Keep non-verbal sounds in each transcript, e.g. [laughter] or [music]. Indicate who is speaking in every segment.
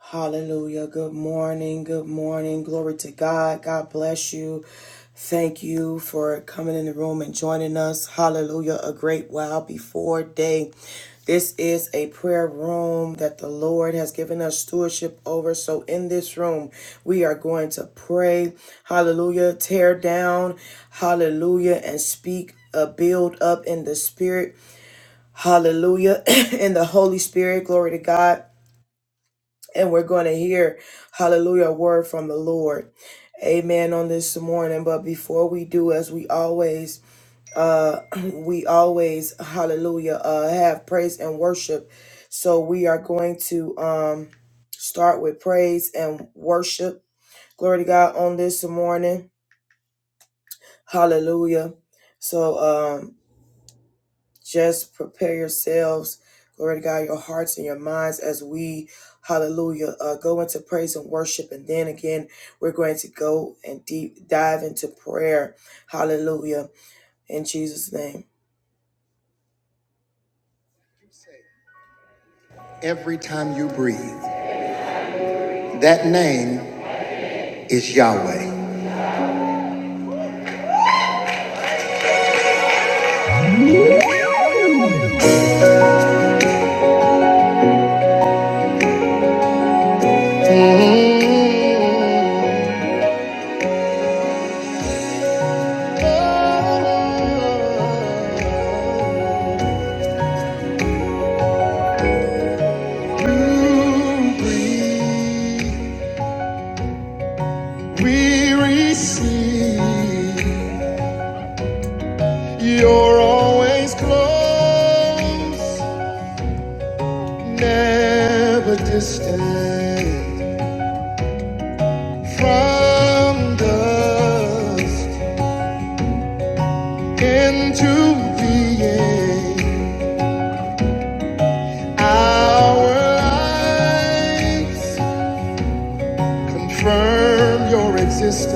Speaker 1: Hallelujah. Good morning. Good morning. Glory to God. God bless you. Thank you for coming in the room and joining us. Hallelujah. A great while before day. This is a prayer room that the Lord has given us stewardship over. So in this room, we are going to pray. Hallelujah. Tear down. Hallelujah. And speak a build up in the spirit. Hallelujah. [clears throat] in the Holy Spirit. Glory to God and we're going to hear hallelujah a word from the lord amen on this morning but before we do as we always uh [clears throat] we always hallelujah uh have praise and worship so we are going to um start with praise and worship glory to god on this morning hallelujah so um, just prepare yourselves. Glory to God, your hearts and your minds as we, hallelujah, uh, go into praise and worship. And then again, we're going to go and deep dive into prayer. Hallelujah. In Jesus' name. Every time you breathe, that name is Yahweh. We receive, you're always close. never distant from dust into being. Our lives confirm your existence.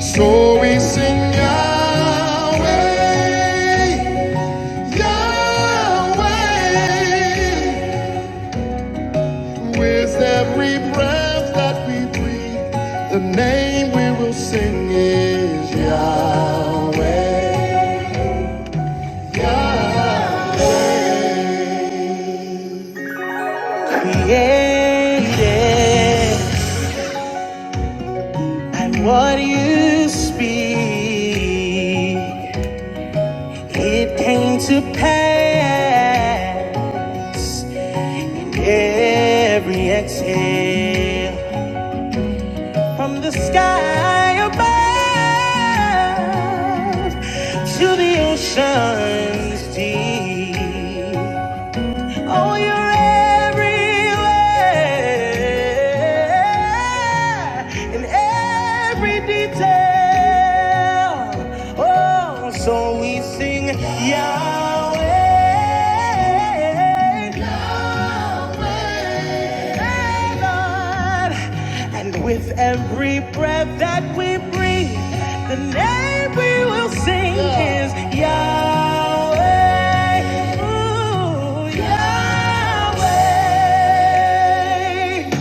Speaker 1: So we sing Yahweh, Yahweh. With every breath that we breathe, the name we will sing is Yahweh. Yes, yes. And what you speak, it came to pass. Every exhale. From the sky above to the ocean's deep. Oh, you're everywhere in every detail. Oh, so we sing Yahweh. Yahweh. Hey, And with every breath that we breathe, the name we will sing Yeah. is Yahweh. Ooh, Yahweh.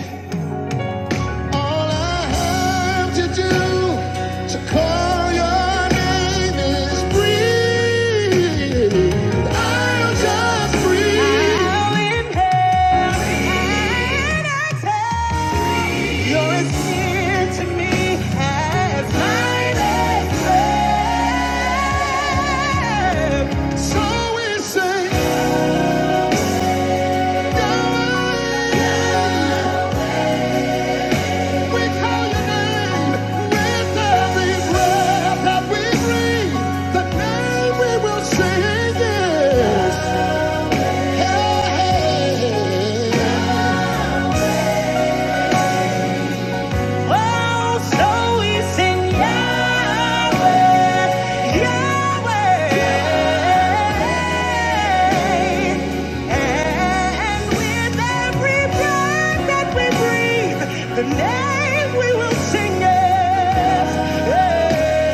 Speaker 1: All I have to do to call your name is breathe. I'll just breathe. I'll inhale and exhale. You're as near to me as night and day. So we say, Yahweh, we call your name with every breath that we breathe. The name we will sing is Hey. hey, hey, yeah. Oh, so we sing Yahweh, Yahweh. And with every breath that we breathe, the name we will sing is Yahweh.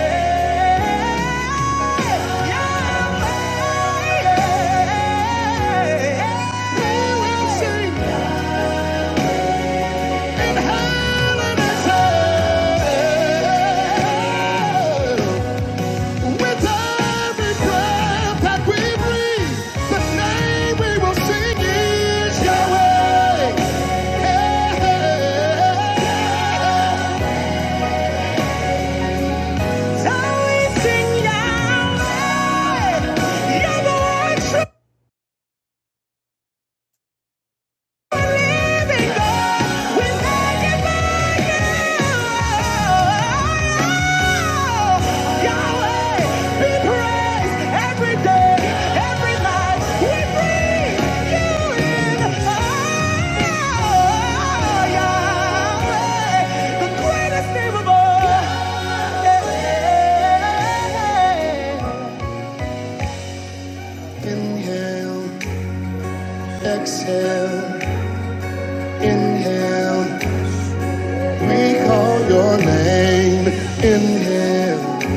Speaker 1: We will sing Yahweh. Shall we sing Yahweh? Yahweh, Inhale, exhale, inhale. We call your name. Inhale,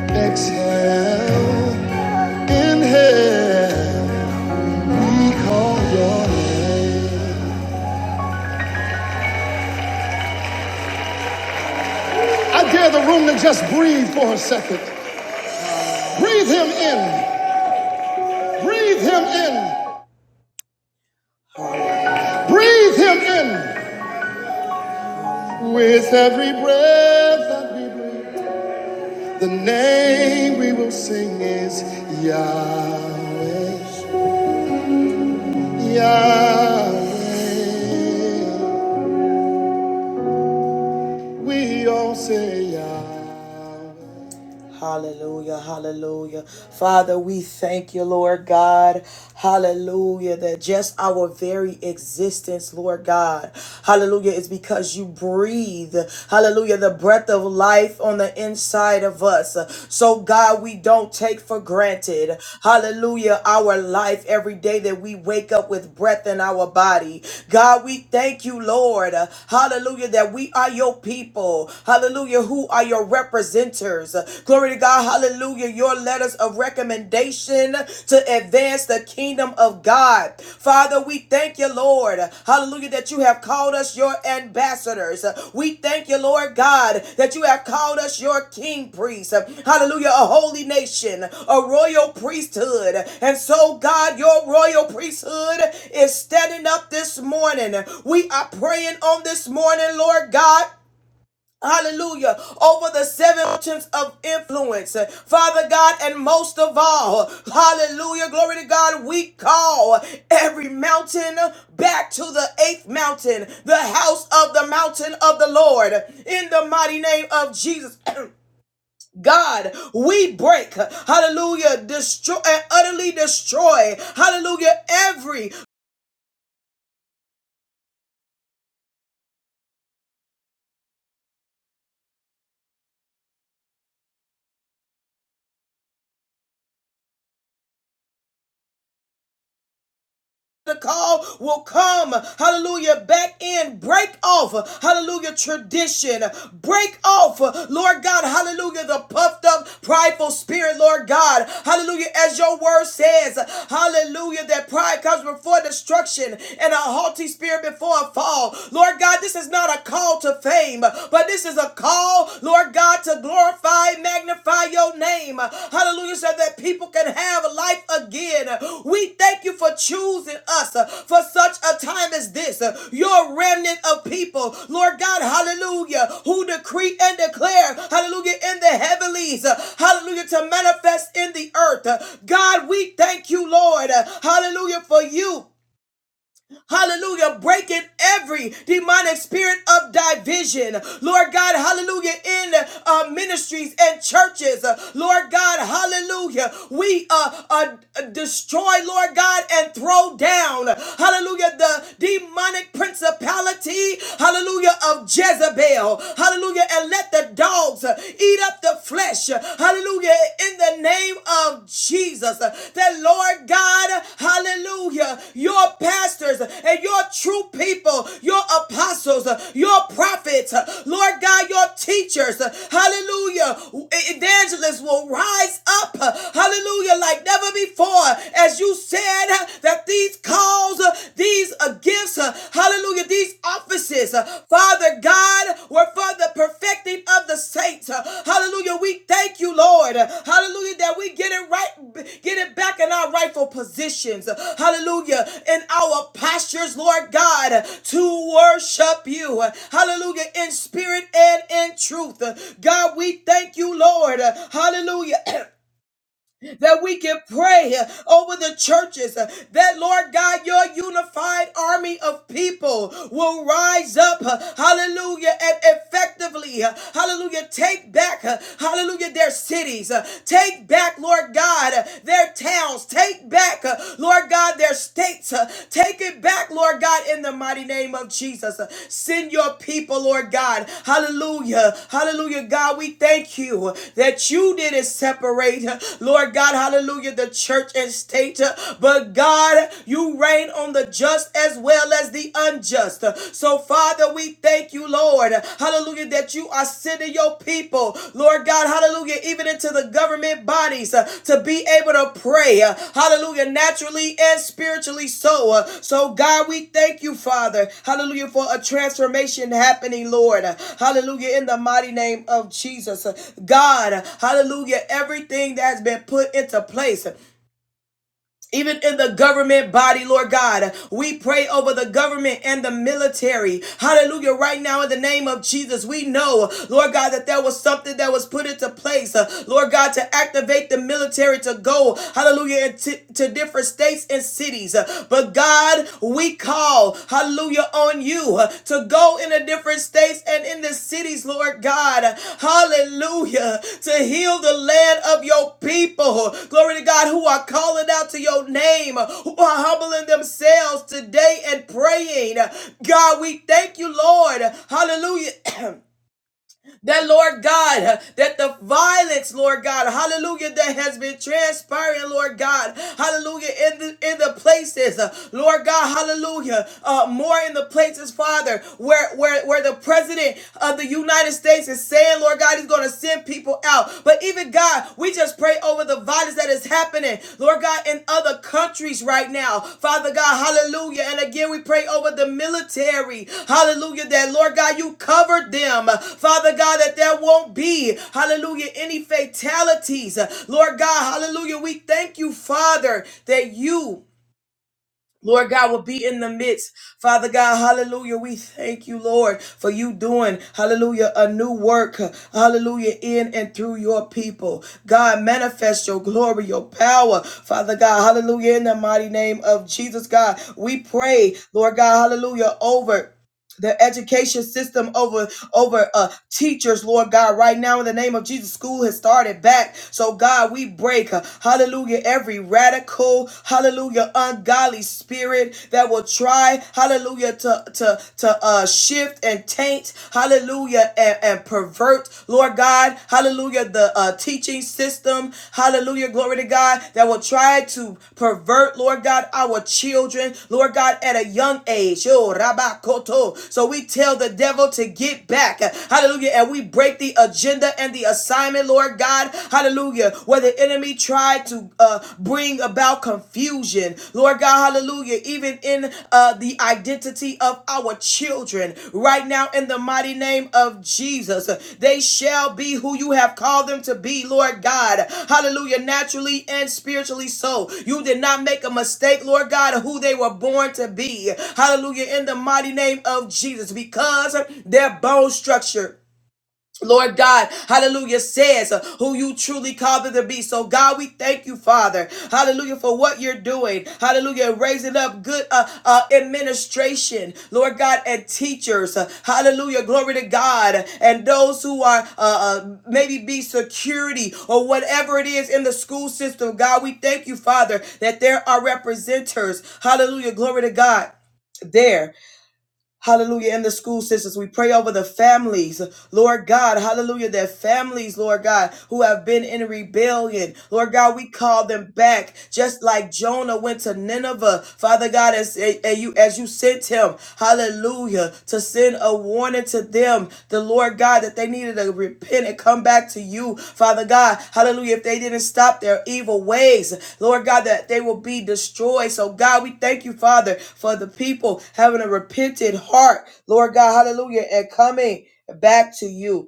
Speaker 1: exhale, inhale. We call your name. I dare the room to just breathe for a second. Breathe him in. Breathe him in. Breathe him in. With every breath that we breathe, the name we will sing is Yahweh. Yahweh. We all say, yeah. Hallelujah, hallelujah. Father, we thank you, Lord God. Hallelujah, that just our very existence, Lord God, hallelujah, is because you breathe, hallelujah, the breath of life on the inside of us. So, God, we don't take for granted, hallelujah, our life every day that we wake up with breath in our body. God, we thank you, Lord, hallelujah, that we are your people, hallelujah, who are your representers. Glory to God. Hallelujah. Your letters of recommendation to advance the kingdom of God. Father, we thank you, Lord. Hallelujah, that you have called us your ambassadors. We thank you, Lord God, that you have called us your king priests. Hallelujah, a holy nation, a royal priesthood. And so, God, your royal priesthood is standing up this morning. We are praying on this morning, Lord God Hallelujah. Over the seven mountains of influence. Father God, and most of all, hallelujah. Glory to God. We call every mountain back to the eighth mountain, the house of the mountain of the Lord. In the mighty name of Jesus. [clears throat] God, we break, hallelujah, destroy and utterly destroy, hallelujah, every the call will come. Hallelujah. Back in. Break off. Hallelujah. Tradition. Break off. Lord God. Hallelujah. The puffed up, prideful spirit, Lord God. Hallelujah. As your word says, hallelujah, that pride comes before destruction and a haughty spirit before a fall. Lord God, this is not a call to fame, but this is a call, Lord God, to Lord, to glorify, magnify your name. Hallelujah, so that people can have life again. We thank you for choosing us uh, for such a time as this. Uh, Your remnant of people, Lord God, hallelujah, who decree and declare, hallelujah, in the heavenlies, uh, hallelujah, to manifest in the earth. Uh, God, we thank you, Lord, uh, hallelujah, for you. Hallelujah. Breaking every demonic spirit of division. Lord God, hallelujah. In uh, ministries and churches. Uh, Lord God, hallelujah. We uh, uh, destroy, Lord God, and throw down, hallelujah, the demonic principality, hallelujah, of Jezebel. Hallelujah. And let the dogs uh, eat up the flesh. Hallelujah. In the name of Jesus, that Lord God, hallelujah, your pastors and your true people, your apostles, your prophets, Lord God, your teachers, hallelujah, evangelists will rise up, hallelujah, like never before. As you said, that these calls, these gifts, Hallelujah. These offices, uh, Father God, were for the perfecting of the saints. Uh, Hallelujah. We thank you, Lord. Uh, Hallelujah. That we get it right, get it back in our rightful positions. Uh, Hallelujah. In our postures, Lord God, uh, to worship you. Uh, Hallelujah. In spirit and in truth. Uh, God, we thank you, Lord. Uh, Hallelujah. [clears throat] that we can pray uh, over the churches uh, that, Lord God, your unified army of people will rise up, uh, hallelujah, and effectively, uh, hallelujah, take back, uh, hallelujah, their cities, uh, take back, Lord God, uh, their towns, take back, uh, Lord God, their states, uh, take it back, Lord. Lord God, in the mighty name of Jesus. Send your people, Lord God. Hallelujah. Hallelujah. God, we thank you that you didn't separate, Lord God, hallelujah, the church and state. But God, you reign on the just as well as the unjust. So, Father, we thank you, Lord. Hallelujah, that you are sending into your people, Lord God, hallelujah, even into the government bodies uh, to be able to pray, uh, hallelujah, naturally and spiritually so. uh, so, God, we thank you, Father, hallelujah, for a transformation happening, Lord, uh, hallelujah, in the mighty name of Jesus. Uh, God, uh, hallelujah, everything that has been put into place. uh, even in the government body, Lord God. We pray over the government and the military. Hallelujah. Right now, in the name of Jesus, we know, Lord God, that there was something that was put into place, uh, Lord God, to activate the military to go, hallelujah, and to to different states and cities. Uh, But God, we call, hallelujah, on you uh, to go in the different states and in the cities, Lord God, hallelujah, to heal the land of your people. Glory to God, who are calling out to your name, who are humbling themselves today and praying. God, we thank you, Lord, hallelujah. [clears throat] that Lord God, that the violence, Lord God, hallelujah, that has been transpiring, Lord God, hallelujah, in the in the places, uh, Lord God, hallelujah, uh, more in the places, Father, where where where the president of the United States is saying, Lord God, he's going to send people out, but even God, we just pray over the violence that is happening, Lord God, in other countries right now. Father God, hallelujah. And again, we pray over the military, hallelujah, that, Lord God, you covered them. Father God, that there won't be, hallelujah, any fatalities. Lord God, hallelujah. We thank you, Father, that you Lord God will be in the midst. Father God, hallelujah. We thank you, Lord, for you doing, hallelujah, a new work, hallelujah, in and through your people. God, manifest your glory, your power, Father God, hallelujah, in the mighty name of Jesus, God. We pray, Lord God, hallelujah, over the education system over over uh teachers lord god right now in the name of jesus school has started back so god we break uh, hallelujah every radical hallelujah ungodly spirit that will try hallelujah to to to uh shift and taint hallelujah and, and pervert lord god hallelujah the uh teaching teaching system, hallelujah, glory to God, that will try to pervert, Lord God, our children, Lord God, at a young age. Yo, rabakoto. So we tell the devil to get back, hallelujah, and we break the agenda and the assignment, Lord God, hallelujah, where the enemy tried to uh, bring about confusion, Lord God, hallelujah, hallelujah, even in uh, the identity of our children. Right now, in the mighty name of Jesus, they shall be who you have called them to be, Lord God. Hallelujah, naturally and spiritually so. You did not make a mistake, Lord God, of who they were born to be. Hallelujah, in the mighty name of Jesus, because their bone structure Lord God, hallelujah, says uh, who you truly called them to be. So, God, we thank you, Father, hallelujah, for what you're doing, hallelujah, raising up good uh, uh, administration, Lord God, and teachers, Uh, hallelujah, glory to God, and those who are uh, uh, maybe be security or whatever it is in the school system. God, we thank you, Father, that there are representers, hallelujah, glory to God there. Hallelujah. In the school systems, we pray over the families, Lord God. Hallelujah. Their families, Lord God, who have been in rebellion. Lord God, we call them back just like Jonah went to Nineveh, Father God, as, as you, as you sent him, hallelujah, to send a warning to them, the Lord God, that they needed to repent and come back to you, Father God. Hallelujah. If they didn't stop their evil ways, Lord God, that they will be destroyed. So, God, we thank you, Father, for the people having a repentant heart, Lord God. Hallelujah. And coming back to you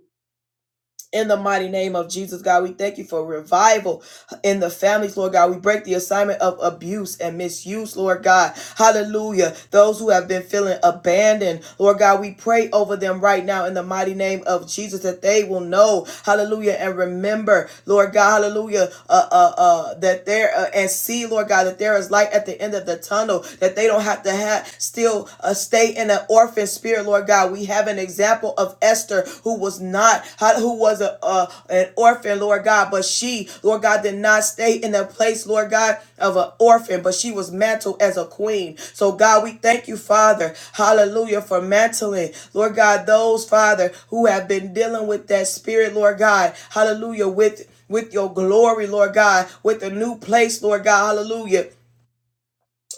Speaker 1: in the mighty name of Jesus, God, we thank you for revival in the families, Lord God. We break the assignment of abuse and misuse, Lord God. Hallelujah. Those who have been feeling abandoned, Lord God, we pray over them right now in the mighty name of Jesus that they will know, hallelujah, and remember, Lord God, hallelujah, uh, uh, uh, that there uh, and see, Lord God, that there is light at the end of the tunnel, that they don't have to have still uh, stay in an orphanage orphan spirit, Lord God. We have an example of Esther who was not, who was a, a an orphan, Lord God, but she, Lord God, did not stay in the place, Lord God, of an orphan, but she was mantled as a queen. So, God, we thank you, Father, hallelujah, for mantling, Lord God, those, Father, who have been dealing with that spirit, Lord God, hallelujah, with with your glory, Lord God, with a new place, Lord God, hallelujah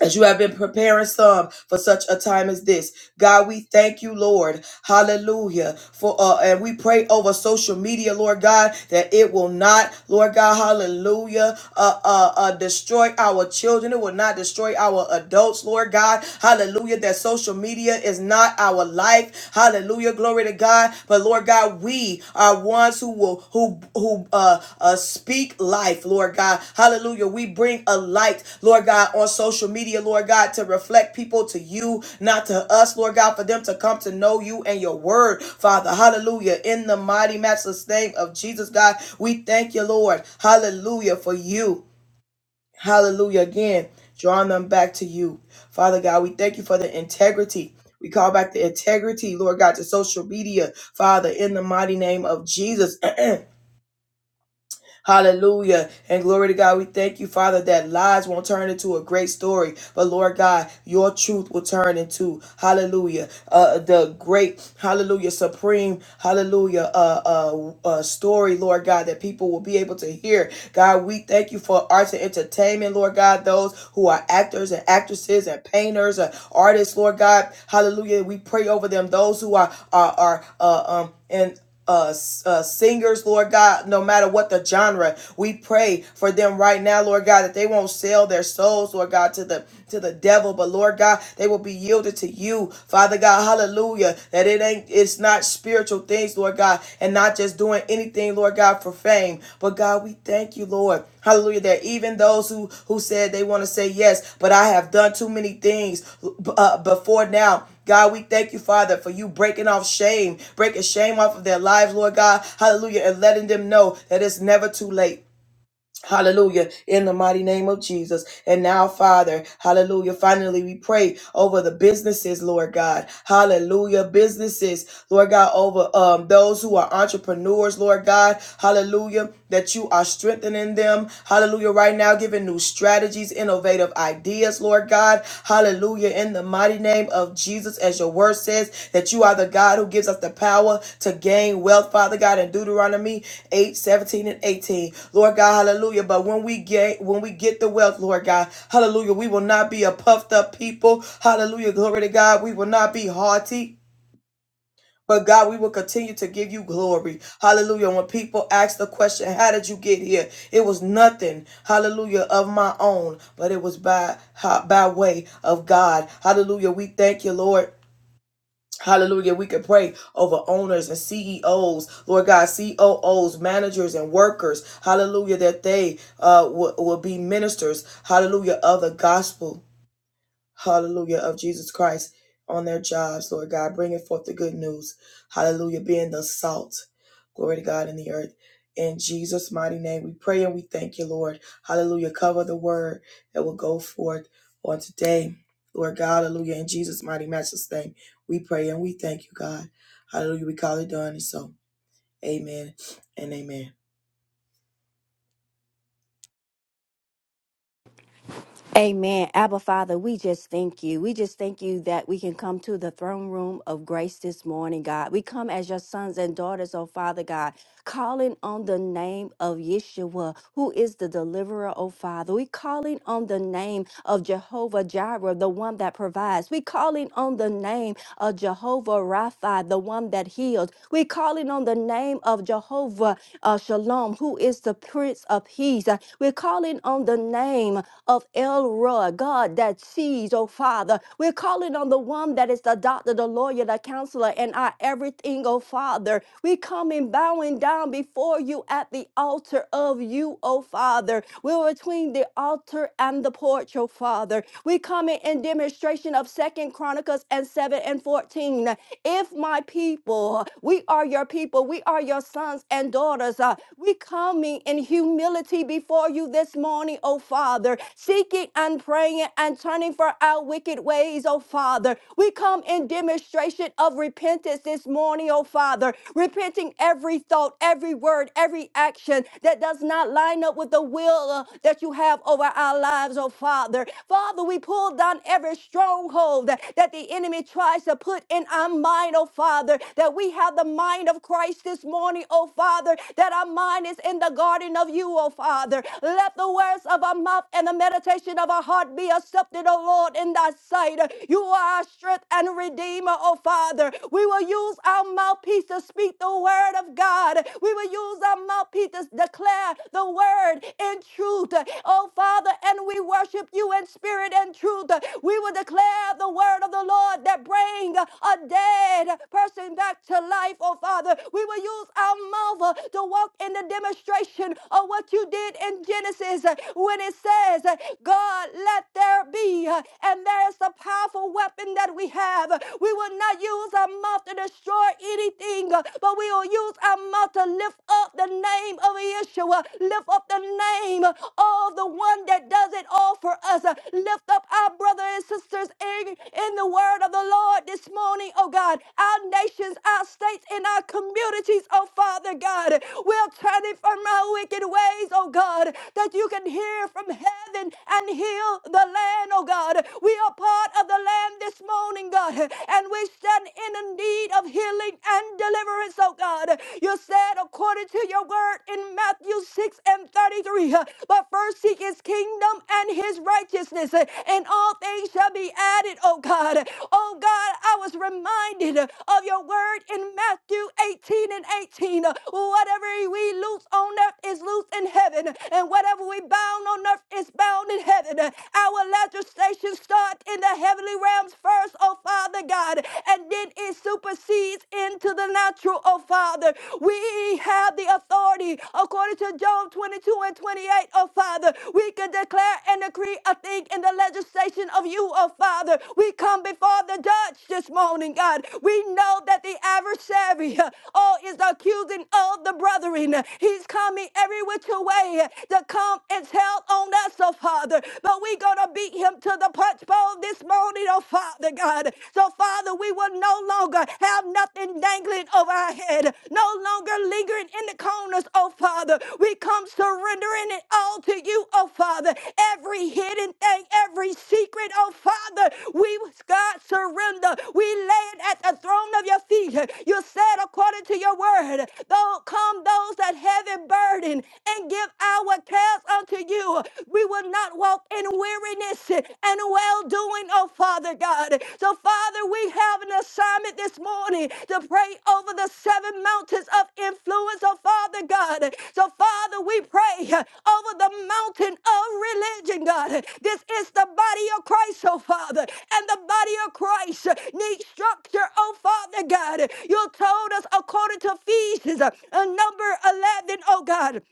Speaker 1: as you have been preparing some for such a time as this. God, we thank you, Lord. Hallelujah. For uh and we pray over social media, Lord God, that it will not, Lord God, hallelujah, uh uh, uh destroy our children. It will not destroy our adults, Lord God. Hallelujah. That social media is not our life. Hallelujah. Glory to God. God. But Lord God, we are ones who will who who uh, uh speak life, Lord God. Hallelujah. We bring a light, Lord God, on social media, Lord God, to reflect people to you, not to us, Lord God, for them to come to know you and your word, Father. Hallelujah. In the mighty matchless name of Jesus, God, we thank you, Lord. Hallelujah for you. Hallelujah. Again, drawing them back to you. Father God, we thank you for the integrity. We call back the integrity, Lord God, to social media, Father, in the mighty name of Jesus. [clears throat] Hallelujah. And glory to God. We thank you, Father, that lies won't turn into a great story, but Lord God, your truth will turn into, hallelujah, uh, the great, hallelujah, supreme, hallelujah, uh, uh, uh, story, Lord God, that people will be able to hear. God, we thank you for arts and entertainment, Lord God, those who are actors and actresses and painters and artists, Lord God, hallelujah. We pray over them, those who are, are, are, uh, um, and uh, uh, singers, Lord God, no matter what the genre, we pray for them right now, Lord God, that they won't sell their souls, Lord God, to the to the devil, but Lord God, they will be yielded to you, Father God, Hallelujah. That it ain't, it's not spiritual things, Lord God, and not just doing anything, Lord God, for fame, but God, we thank you, Lord, Hallelujah. That even those who who said they want to say yes, but I have done too many things uh, before now God, we thank you, Father, for you breaking off shame, breaking shame off of their lives, Lord God. Hallelujah. And letting them know that it's never too late. Hallelujah. In the mighty name of Jesus. And now, Father, hallelujah. Finally, we pray over the businesses, Lord God. Hallelujah. Businesses, Lord God, over um, those who are entrepreneurs, Lord God. Hallelujah. That you are strengthening them. Hallelujah. Right now, giving new strategies, innovative ideas, Lord. Lord God. Hallelujah. In the mighty name of Jesus, as your word says, that you are the God who gives us the power to gain wealth, Father God, in Deuteronomy 8:17 and 18. Lord God, hallelujah. But when we get when we get the wealth, Lord God, hallelujah, we will not be a puffed up people. Hallelujah. Glory to God. We will not be haughty. But God, we will continue to give you glory. Hallelujah. When people ask the question, how did you get here? It was nothing, hallelujah, of my own, but it was by, by way of God. Hallelujah. We thank you, Lord. Hallelujah. We can pray over owners and CEOs, Lord God, COOs, managers, and workers. Hallelujah. That they uh, will will be ministers, hallelujah, of the gospel hallelujah, of Jesus Christ on their jobs, Lord God, bringing forth the good news, hallelujah, being the salt, glory to God in the earth. In Jesus' mighty name, we pray and we thank you, Lord. Hallelujah. Cover the word that will go forth on today. Lord God, hallelujah. In Jesus' mighty matchless name, we pray and we thank you, God. Hallelujah. We call it done. And so, amen and amen.
Speaker 2: Amen. Abba Father, we just thank you. We just thank you that we can come to the throne room of grace this morning, God. We come as your sons and daughters, oh Father God, calling on the name of Yeshua, who is the deliverer, oh Father. We calling on the name of Jehovah Jireh, the one that provides. We calling on the name of Jehovah Rapha, the one that heals. We calling on the name of Jehovah uh, Shalom, who is the Prince of Peace. Uh, We're calling on the name of El Roy, God that sees, oh Father. We're calling on the one that is the doctor, the lawyer, the counselor, and our everything, oh Father. Father. We come in bowing down before you at the altar of you, O Father. We're between the altar and the porch, O Father. We come in, in demonstration of Second Chronicles and 7 and 14. If my people, we are your people, we are your sons and daughters. uh, we coming in humility before you this morning, O Father, seeking and praying and turning for our wicked ways, O Father. We come in demonstration of repentance this this morning, oh Father, repenting every thought, every word, every action that does not line up with the will uh, that you have over our lives, oh Father. Father, we pull down every stronghold that, that the enemy tries to put in our mind, oh Father, that we have the mind of Christ this morning, oh Father, that our mind is in the garden of you, oh Father. Let the words of our mouth and the meditation of our heart be accepted, oh Lord, in thy sight. You are our strength and redeemer, oh Father. We will use our mouthpiece to speak the word of God. We will use our mouthpiece to declare the word in truth, oh Father. And we worship you in spirit and truth. We will declare the word of the Lord that bring a dead person back to life, oh Father. We will use our mouth uh, to walk in the demonstration of what you did in Genesis uh, when it says, uh, God, let there be. uh, And there is a powerful weapon given that we have. We will not use our mouth to destroy anything, uh, but we will use our mouth to lift up the name of Yeshua, lift up the name of the one that does it all for us. Uh, Lift up our brothers and sisters in, in the word of the Lord this morning, oh God. Our nations, our states, and our communities, oh Father God. We're turning from our wicked ways, oh God, that you can hear from heaven and heal the land, oh God. We we are part of the Lamb this morning, God, and we stand in the need of healing and deliverance, oh God. You said, according to your word in Matthew 6 and 33, but first seek his kingdom and his righteousness, and all things shall be added, oh God. Oh God, I was reminded of your word in Matthew 18 and 18. Whatever we loose on earth is loose in heaven, and whatever we bound on earth is bound in heaven. Our legislation starts in the heavenly realms first, oh Father God, and then it supersedes into the natural, oh Father. We have the authority according to Job 22 and 28, O Father. We can declare and decree a thing in the legislation of you, oh Father. We come before the judge this morning, God. We know that the adversary, uh, oh, is accusing of the brethren. He's coming every which way to come and tell on us us, oh Father. But we're going to beat him to the punch bowl this morning, oh Father God. So, Father, we will no longer have nothing dangling over our head, no longer lingering in the corners, oh Father. We come surrendering it all to you, oh Father. Every hidden thing, every secret, oh Father, we, God, surrender. We lay it at the throne of your feet. You said, according to your word, though come those that have a burden and give our ourselves unto you. We will not walk in weariness and well doing, oh Father God. So, Father, we have an assignment this morning to pray over the seven mountains of influence, oh Father God. So, Father, we pray over the mountain of religion, God. This is the body of Christ, oh Father, and the body of Christ needs structure, oh Father God. You told us according to Ephesians, uh, number 11, O God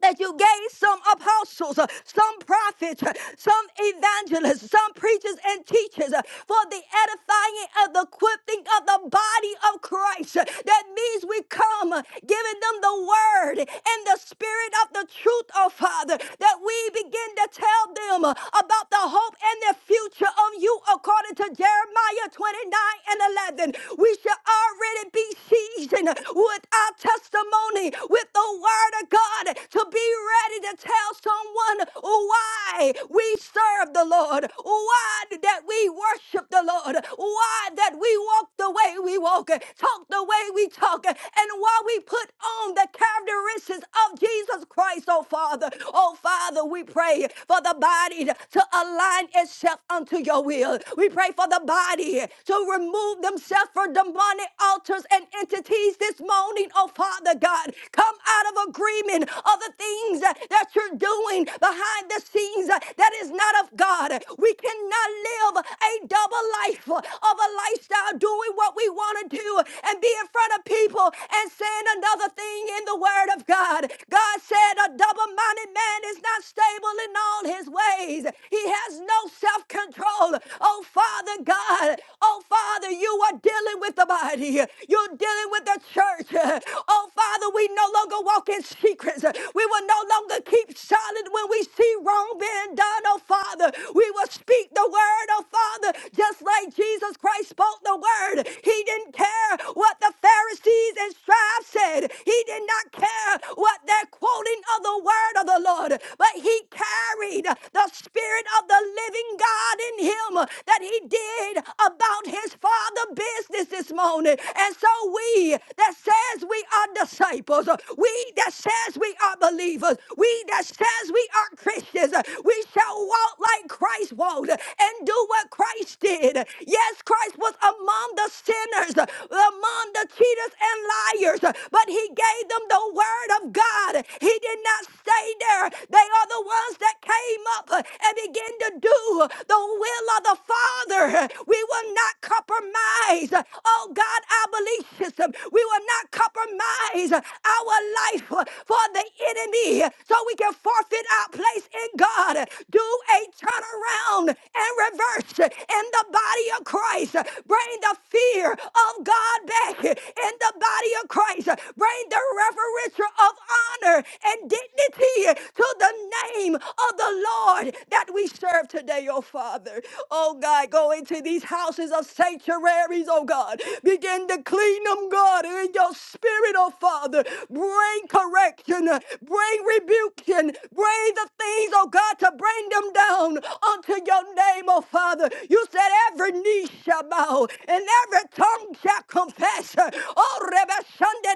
Speaker 2: that you gave some apostles, uh, some prophets, uh, some evangelists, some preachers and teachers uh, for the edifying of the equipping of the body of Christ. Uh, That means we come uh, giving them the word and the spirit of the truth, oh Father, that we begin to tell them uh, about the hope and the future of you according to Jeremiah 29 and 11. We shall already be seasoned with our testimony, with the word word of God to be ready to tell someone why we serve the Lord, why that we worship the Lord, why that we walk the way we walk, talk the way we talk, and why we put on the characteristics of Jesus Christ, oh Father. Oh Father, we pray for the body to align itself unto your will. We pray for the body to remove themselves from demonic altars and entities this morning, oh Father God. Come out of agreement of the things that that you're doing behind the scenes uh, that is not of God. We cannot live a double life uh, of a lifestyle doing what we want to do and be in front of people and saying another thing in the word of God. God said a double-minded man is not stable in all his ways. He has no self-control. Oh Father God, oh Father, you are dealing dealing with the body. You're dealing with the church. Oh, Father, we no longer walk in secrets. We will no longer keep silent when we see wrong being done, oh, Father. We will speak the word, oh, Father, just like Jesus Christ spoke the word. He didn't care what the Pharisees and scribes said, He did not care what their quoting of the word of the Lord, but He carried the Spirit of the living God in Him that He did about His Father other business this morning. And so we that says we are disciples, uh, we that says we are believers, we that says we are Christians, uh, we shall walk like Christ walked uh, and do what Christ did. Yes, Christ was among the sinners, uh, among the cheaters and liars, uh, but he gave them the word of God. He did not stay there. They are the ones that came up uh, and began to do the will of the Father. We were will not compromise. Oh God, our belief system. We will not compromise our life for the enemy so we can forfeit our place in God. Do a turnaround and reverse in the body of Christ. Bring the fear of God back in the body of Christ. Bring the reverential of honor and dignity to the name of the Lord that we serve today, oh Father. Oh God, go go into these houses of sanctuaries, oh God. Begin to clean them, God, in your spirit, oh Father. Bring correction, uh, bring rebuking, bring the things, oh God, to bring them down unto your name, oh Father. You said every knee shall bow and every tongue shall confess. uh, Oh, Rebbe Sunday,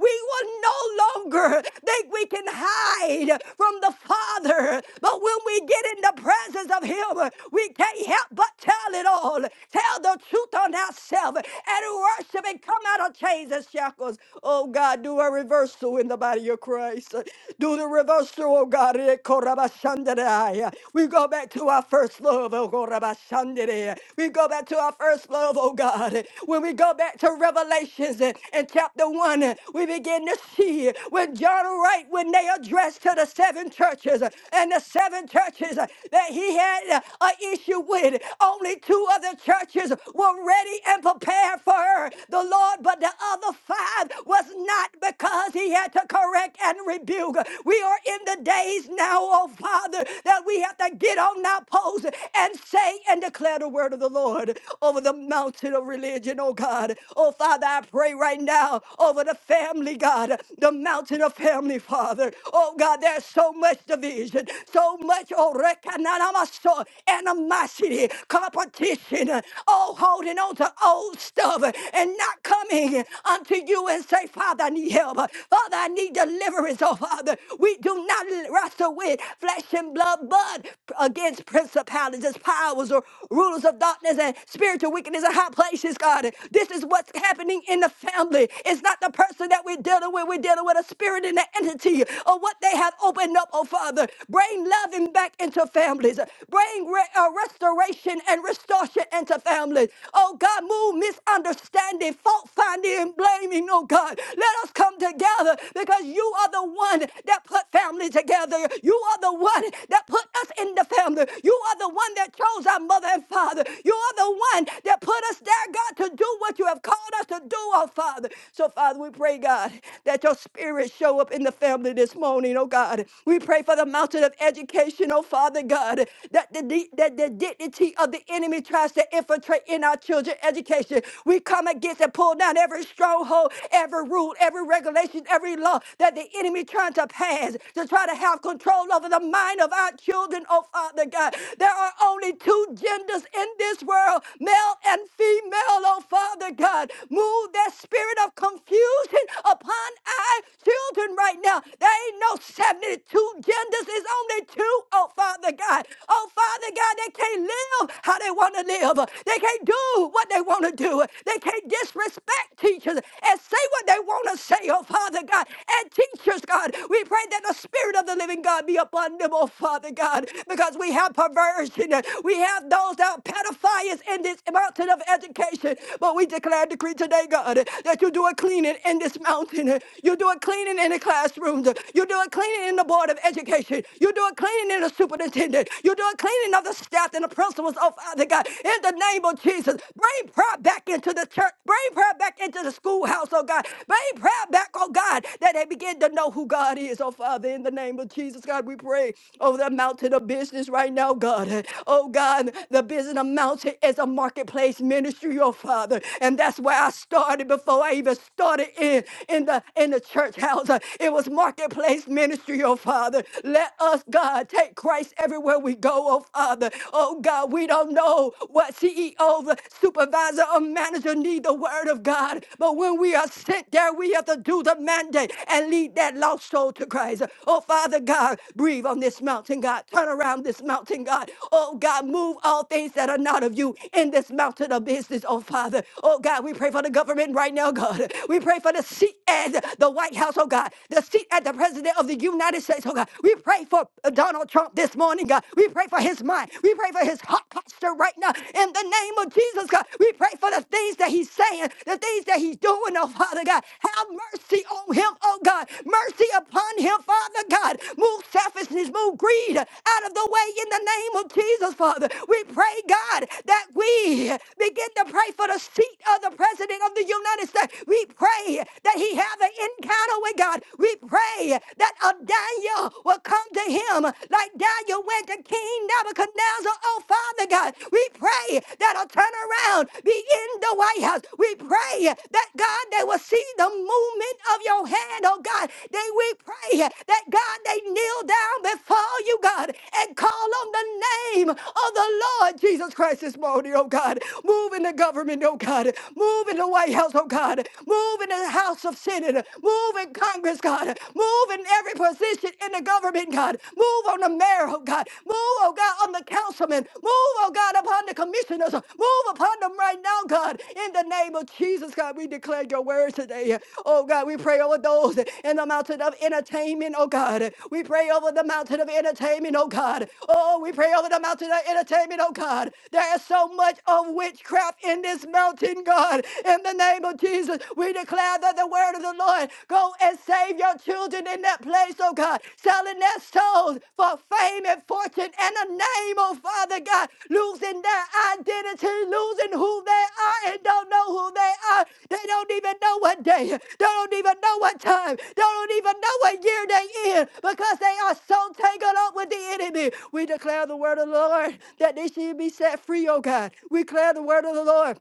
Speaker 2: we will no longer think we can hide from the Father. But when we get in the presence presence of Him, we can't help but tell it all. Tell the truth on ourselves and worship and come out of chains and shackles. Oh God, do a reversal in the body of Christ. Do the reversal, oh God. Eh, korabashandaraya. We go back to our first love, oh korabashandere. We go back to our first love, oh God. When we go back to Revelations eh, in chapter 1, eh, we begin to see eh, when John Wright, when they addressed to the seven churches, eh, and the seven churches churches uh, that he had uh, an issue with. Only two other churches were ready and prepared for her, the Lord, but the other five was not because he had to correct and rebuke. We are in the days now, oh Father, that we have to get on our post and say and declare the word of the Lord over the mountain of religion, oh God. Oh Father, I pray right now over the family, God, the mountain of family, Father. Oh God, there's so much division. Lord. So much, oh, rekananamaso, animosity, competition, oh, holding on to old stuff and not coming unto you and say, Father, I need help. Father, I need deliverance, oh, Father. We do not wrestle with flesh and blood, but against principalities, powers, or rulers of darkness and spiritual wickedness in high places, God. This is what's happening in the family. It's not the person that we're dealing with. We're dealing with a spirit and an entity or what they have opened up oh Father. Bring loving back into families. Bring re- uh, restoration and restoration into families. Oh God, move misunderstanding, fault finding, and blaming, oh God. Let us come together because you are the one that put family together. You are the one that put us in the family. You are the one that chose our mother and father. You are the one that put us there, God, to do what you have called us to do, oh Father. So, Father, we pray, God, that your spirit show up in the family this morning, morning, oh God. We pray for the mountain of education, oh Father God, that the, di- that the dignity of the enemy tries to infiltrate in our children's education. We come against and pull down every stronghold, every rule, every regulation, every law that the enemy trying to pass to try to have control over the mind of our children, oh Father God. There are only two genders in this world, male and female, oh Father God. Move that spirit of confusion upon our children right now there ain't no 72 genders. It's only two. Oh, Father God. Oh, Father God, they can't live how they want to live. They can't do what they want to do. They can't disrespect teachers and say what they want to say, oh, Father God. And teachers, God, we pray that the Spirit of the living God be upon them, oh, Father God, because we have perversion. We have those that are pedophiles in this mountain of education. But we declare and decree today, God, that you do a cleaning in this mountain. You do a cleaning cleaning in the classrooms. You do it cleaning in the board of education. You do it cleaning in the superintendent. You do it cleaning of the staff and the principals. Oh, Father God, in the name of Jesus, bring prayer back into the church. Bring prayer back into the schoolhouse, oh God. Bring prayer back, oh God, that they begin to know who God is, oh Father. In the name of Jesus, God, we pray over the mountain of business right now, God. Oh God, the business of mountain is a marketplace ministry, oh Father. And that's where I started before I even started in in the in the church house. Uh, It was marketplace ministry, oh Father. Let us, God, take Christ everywhere we go, oh Father. Oh God, we don't know what CEO, the supervisor, or manager need the word of God. But when we are sent there, we have to do the mandate and lead that lost soul to Christ. Oh Father God, breathe on this mountain, God. Turn around this mountain, God. Oh God, move all things that are not of you in this mountain of business, oh Father. Oh God, we pray for the government right now, God. We pray for the for the seat at the White House, oh God, the seat at the President of the United States, oh God. We pray for Donald Trump this morning, God. We pray for his mind. We pray for his heart posture right now. In the name of Jesus, God, we pray for the things that he's saying, the things that he's doing, oh Father God. Have mercy on him, oh God. Mercy upon him, Father God. Move selfishness, move greed out of the way in the name of Jesus, Father. We pray, God, that we begin to pray for the seat of the President of the United States. We pray that he have an encounter with God. We pray that a Daniel will come to him like Daniel went to King Nebuchadnezzar. Oh, Father God, we pray that a turnaround be in the White House. We pray that, God, they will see the movement of your hand, oh God. They, we pray that, God, they kneel down before you, God, and call on the name of the Lord Jesus Christ this morning, oh God. Move in the government, oh God. Move in the White House somebody else, oh God. Move in the House of Senate. Move in Congress, God. Move in every position in the government, God. Move on the mayor, oh God. Move, oh God, on the councilman. Move, oh God, upon the commissioners. Move upon them right now, God. In the name of Jesus, God, we declare your word today. Oh God, we pray over those in the mountain of entertainment, oh God. We pray over the mountain of entertainment, oh God. Oh, we pray over the mountain of entertainment, oh God. There is so much of witchcraft in this mountain, God. God. In the name of Jesus, we declare that the word of the Lord go and save your children in that place, oh God, selling their souls for fame and fortune and a name, oh Father God, losing their identity, losing who they are and don't know who they are. They don't even know what day, they don't even know what time, they don't even know what year they in because they are so tangled up with the enemy. We declare the word of the Lord that they should be set free, oh God. We declare the word of the Lord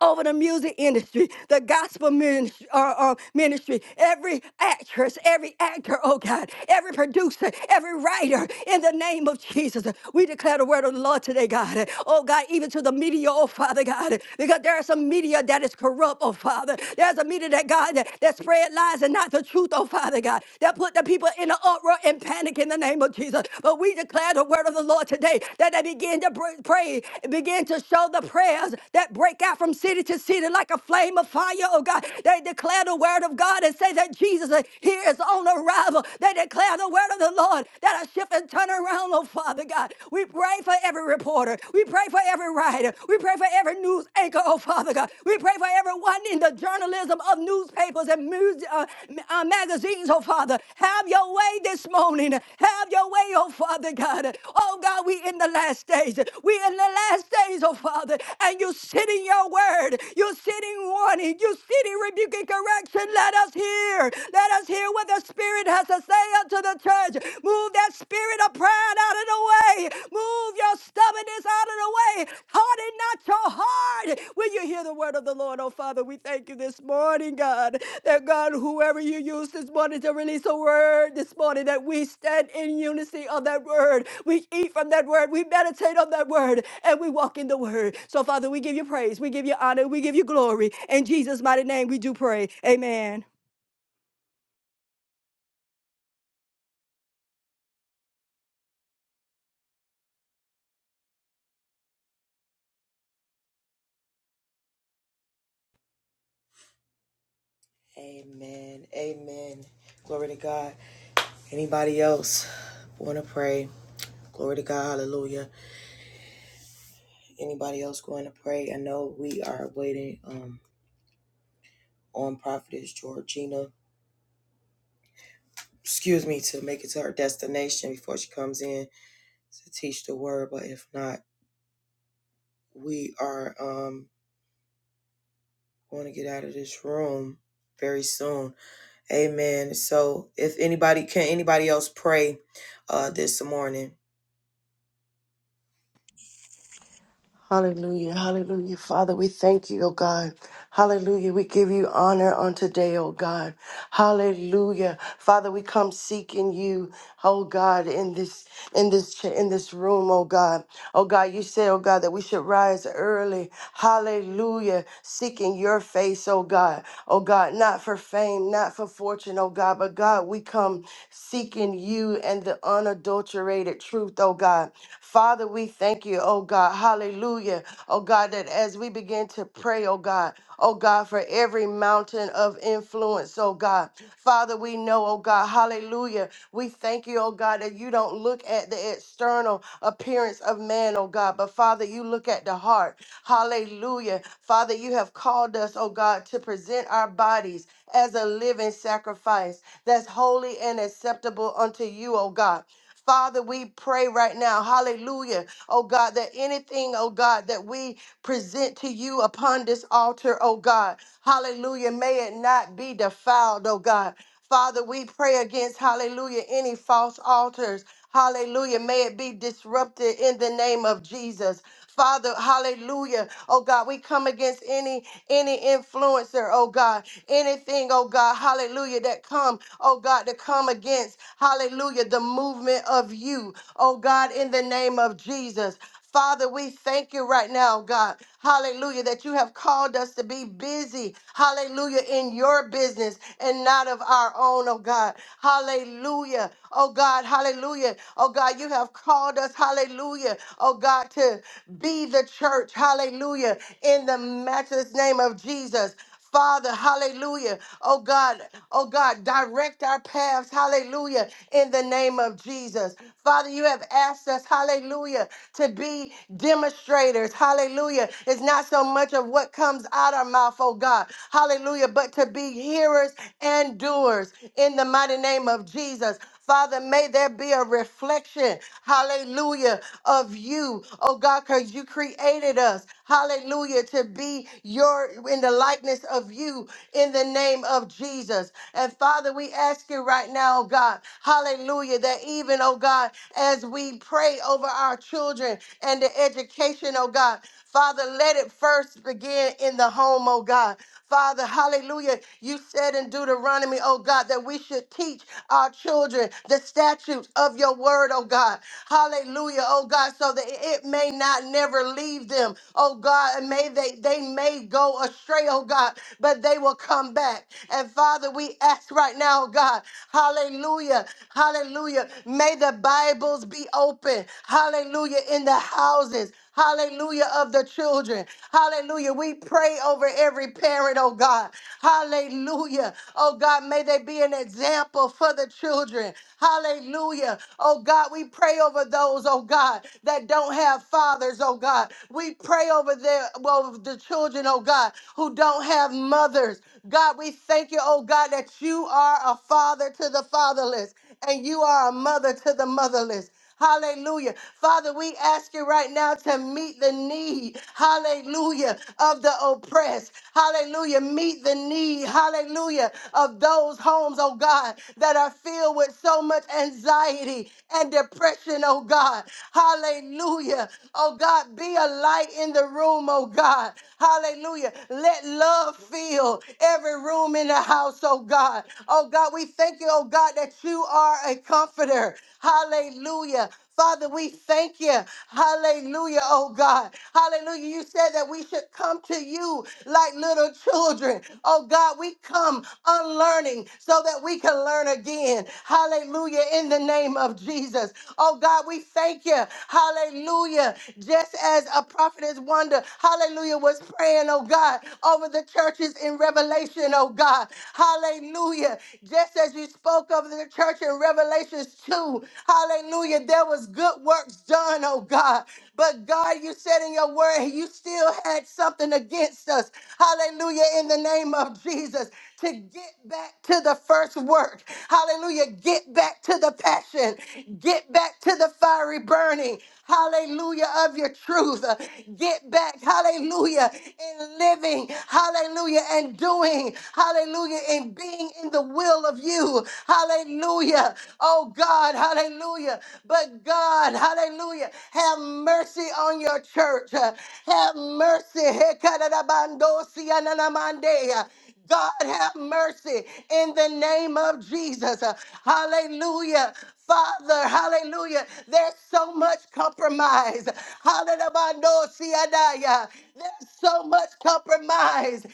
Speaker 2: over the music industry, the gospel ministry, uh, uh, ministry, every actress, every actor, oh God, every producer, every writer, in the name of Jesus. We declare the word of the Lord today, God. Oh God, even to the media, oh Father God, because there are some media that is corrupt, oh Father. There's a media that, God, that, that spread lies and not the truth, oh Father God, that put the people in an uproar and panic in the name of Jesus. Jesus. But we declare the word of the Lord today that they begin to br- pray, begin to show the prayers that break out from city to city like a flame of fire, oh God. They declare the word of God and say that Jesus uh, here is on arrival. They declare the word of the Lord that a shift and turn around, oh Father God. We pray for every reporter. We pray for every writer. We pray for every news anchor, oh Father God. We pray for everyone in the journalism of newspapers and mus- uh, uh, magazines, oh Father. Have your way this morning. Have your way, oh Father God. Oh God, we in the last days. We in the last days, oh Father. And you sit in your word. You sit in warning. You sit in rebuke and correction. Let us hear. Let us hear what the Spirit has to say unto the church. Move that spirit of pride out of the way. Move your stubbornness out of the way. Harden not your heart. Will you hear the word of the Lord? Oh, Father, we thank you this morning, God, that God, whoever you use this morning to release a word this morning, that we stand in unity of that word. We eat from that word. We meditate on that word. And we walk in the word. So, Father, we give you praise. We give you honor. We give you glory. In Jesus' mighty name, we do pray. Amen.
Speaker 1: Amen. Amen. Glory to God. Anybody else want to pray? Glory to God. Hallelujah. Anybody else going to pray? I know we are waiting um, on Prophetess Georgina, excuse me, to make it to her destination before she comes in to teach the word. But if not, we are um, going to get out of this room very soon. Amen. So if anybody, can anybody else pray uh, this morning?
Speaker 3: Hallelujah, hallelujah. Father, we thank you, O God. Hallelujah. We give you honor on today, O God. Hallelujah. Father, we come seeking you, O God, in this in this in this room, O God. Oh God, you said, oh God, that we should rise early. Hallelujah. Seeking your face, oh God. Oh God, not for fame, not for fortune, oh God, but God, we come seeking you and the unadulterated truth, oh God. Father, we thank you, oh God. Hallelujah. Oh God, that as we begin to pray, oh God, oh God, for every mountain of influence, oh God. Father, we know, oh God, hallelujah. We thank you, oh God, that you don't look at the external appearance appearance of man, oh God. But Father, you look at the heart. Hallelujah. Father, you have called us, oh God, to present our bodies as a living sacrifice that's holy and acceptable unto you, oh God. Father, we pray right now, hallelujah, oh God, that anything, oh God, that we present to you upon this altar, oh God, hallelujah, may it not be defiled, oh God. Father, we pray against, hallelujah, any false altars. Hallelujah. May it be disrupted in the name of Jesus. Father, hallelujah. Oh God, we come against any any influencer, oh God, anything, oh God, hallelujah, that come, oh God, to come against, hallelujah, the movement of you, oh God, in the name of Jesus. Father, we thank you right now, God. Hallelujah, that you have called us to be busy. Hallelujah, in your business and not of our own, oh God. Hallelujah. Oh God, hallelujah. Oh God, you have called us, hallelujah. Oh God, to be the church. Hallelujah. In the matchless name of Jesus. Father, hallelujah. Oh God, oh God, direct our paths, hallelujah, in the name of Jesus. Father, you have asked us, hallelujah, to be demonstrators, hallelujah. It's not so much of what comes out our mouth, oh God, hallelujah, but to be hearers and doers in the mighty name of Jesus. Father, may there be a reflection, hallelujah, of you, oh God, because you created us, hallelujah, to be your in the likeness of you in the name of Jesus. And Father, we ask you right now, oh God, hallelujah, that even, oh God, as we pray over our children and the education, oh God, Father, let it first begin in the home, oh God. Father, hallelujah. You said in Deuteronomy, oh God, that we should teach our children children the statutes of your word, oh God. Hallelujah, oh God, so that it may not never leave them, oh God, and may they they may go astray, oh God, but they will come back. And Father, we ask right now, oh God, hallelujah, hallelujah. May the Bibles be open, hallelujah, in the houses hallelujah, of the children. Hallelujah. We pray over every parent, oh God. Hallelujah. Oh God, may they be an example for the children. Hallelujah. Oh God, we pray over those, oh God, that don't have fathers, oh God. We pray over their well the children, oh God, who don't have mothers. God, we thank you, oh God, that you are a father to the fatherless and you are a mother to the motherless. Hallelujah. Father, we ask you right now to meet the need, hallelujah, of the oppressed. Hallelujah. Meet the need, hallelujah, of those homes, oh God, that are filled with so much anxiety and depression, oh God. Hallelujah. Oh God, be a light in the room, oh God. Hallelujah. Let love fill every room in the house, oh God. God. Oh God, we thank you, oh God, that you are a comforter. Hallelujah. Father, we thank you. Hallelujah, oh God. Hallelujah. You said that we should come to you like little children. Oh God, we come unlearning so that we can learn again. Hallelujah, in the name of Jesus. Oh God, we thank you. Hallelujah. Just as a prophetess wonder, hallelujah, was praying, oh God, over the churches is in Revelation, oh God. Hallelujah. Just as you spoke of the church in Revelations 2, hallelujah, there was good works done, oh God. But God, you said in your word, you still had something against us. Hallelujah, in the name of Jesus to get back to the first work. Hallelujah. Get back to the passion. Get back to the fiery burning. Hallelujah of your truth. Uh, Get back. Hallelujah in living. Hallelujah and doing. Hallelujah in being in the will of you. Hallelujah. Oh God. Hallelujah. But God. Hallelujah. Have mercy on your church. Uh, Have mercy. Hekadadabando siyananamande. God have mercy in the name of Jesus. Uh, Hallelujah. Father, hallelujah. There's so much compromise. Hallelujah. There's so much compromise.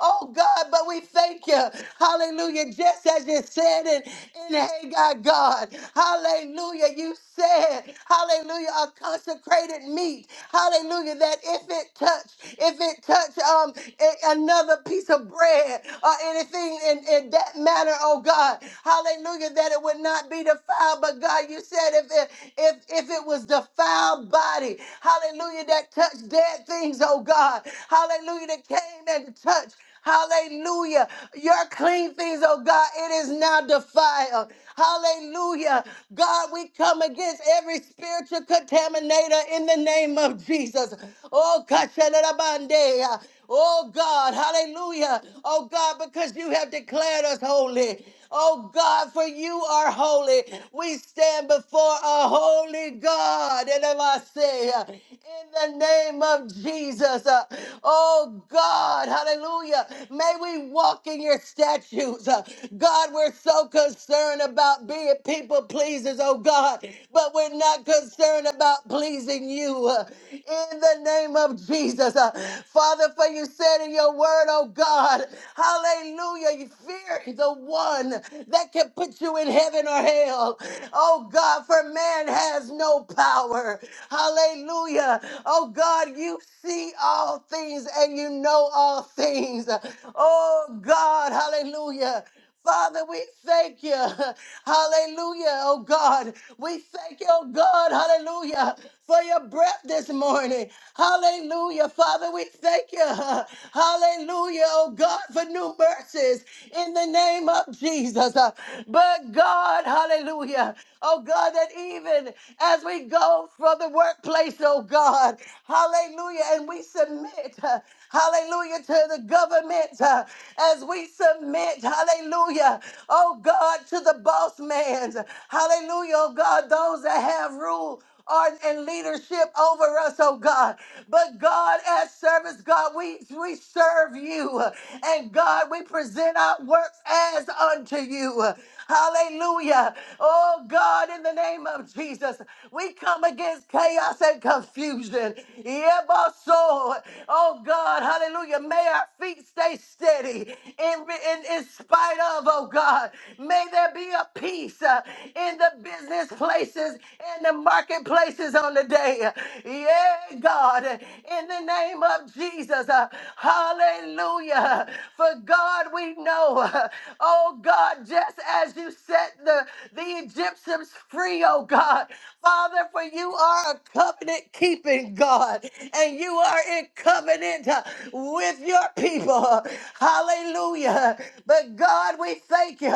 Speaker 3: Oh God, but we thank you. Hallelujah. Just as you said in, in Haggai, God. Hallelujah. Hallelujah. You said, hallelujah, a consecrated meat. Hallelujah. That if it touch, if it touch um a- another piece of bread or anything in, in that manner, oh God, hallelujah, that it would not be defiled. But God, you said if it if if it was defiled body, hallelujah, that touched dead things, oh God, hallelujah, that came and touched. Hallelujah. Your clean things, oh God, it is now defiled. Hallelujah. God, we come against every spiritual contaminator in the name of Jesus. Oh, Kashanabande. Oh God, hallelujah. Oh God, because you have declared us holy. Oh God, for you are holy. We stand before a holy God. And if I say, uh, in the name of Jesus, uh, oh God, hallelujah, may we walk in your statutes. Uh, God, we're so concerned about being people pleasers, oh God, but we're not concerned about pleasing you. Uh, in the name of Jesus, uh, Father, for you said in your word, oh God, Hallelujah. You fear the one that can put you in heaven or hell. Oh God, for man has no power. Hallelujah. Oh God, you see all things and you know all things. Oh God, hallelujah. Father, we thank you. [laughs] Hallelujah, oh God. We thank you, oh God, hallelujah, for your breath this morning. Hallelujah. Father, we thank you. [laughs] Hallelujah, oh God, for new mercies in the name of Jesus. Uh, But God, hallelujah. Oh God, that even as we go from the workplace, oh God, hallelujah, and we submit. Hallelujah to the government uh, as we submit. Hallelujah. Oh God, to the boss man's. Hallelujah. Oh God, those that have rule are in leadership over us, oh God. But God, as servants, God, we, we serve you. And God, we present our works as unto you. Hallelujah. Oh God, in the name of Jesus, we come against chaos and confusion. Yeah, Yeboso. Oh God, hallelujah. May our feet stay steady in, in, in spite of, oh God. May there be a peace uh, in the business places and the marketplaces on the day. Yeah, God, in the name of Jesus. uh, hallelujah. For God, we know, uh, oh God, just as as you set the, the Egyptians free, oh God. Father, for you are a covenant keeping God, and you are in covenant uh, with your people. Hallelujah. But God, we thank you,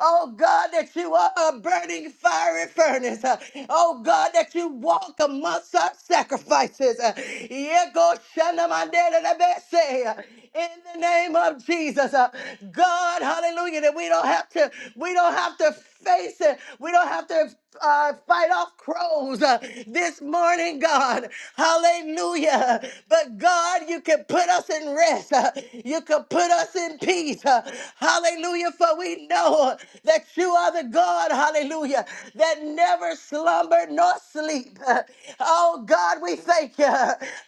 Speaker 3: oh God, that you are a burning fiery furnace. Uh, Oh God, that you walk amongst our sacrifices. Uh, Yego shanamadelebese. In the name of Jesus, uh, God, hallelujah, that we don't have to. We don't have to face it. We don't have to uh, fight off crows uh, this morning, God. Hallelujah. But God, you can put us in rest. uh, you can put us in peace. uh, hallelujah. For we know that you are the God, hallelujah, that never slumber nor sleep. Uh, oh, God, we thank you.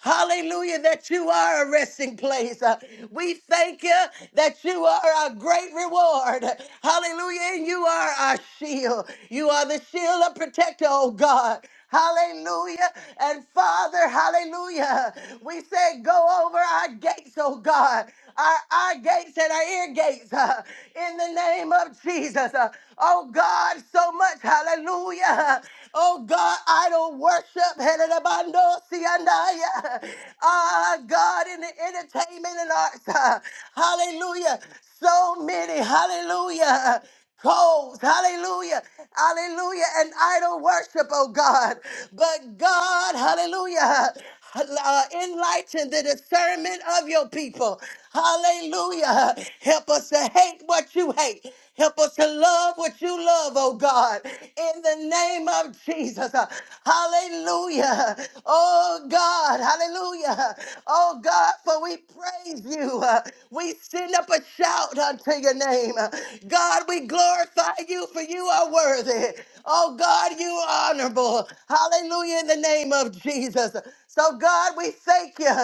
Speaker 3: Hallelujah, that you are a resting place. Uh, we thank you that you are our great reward. Hallelujah Hallelujah. And you are our shield. You are the shield of protector, oh God. Hallelujah. And Father, hallelujah. We say, go over our gates, oh God, our, our gates and our ear gates uh, in the name of Jesus. Uh, oh God, so much. Hallelujah. Oh God, idol worship. Heredabando siandaya. Ah, God, in the entertainment and arts. uh, hallelujah. So many. Hallelujah. Coals, hallelujah, hallelujah, and idol worship, oh God. But God, hallelujah, uh, enlighten the discernment of your people, hallelujah. Help us to hate what you hate, help us to love what you love, oh God, in the name of Jesus, Uh, hallelujah, oh God, hallelujah, oh God, for we praise you. Uh, We send up a shout unto your name. Uh, God, we glorify you for you are worthy. Oh God, you are honorable. Hallelujah in the name of Jesus. So God, we thank you.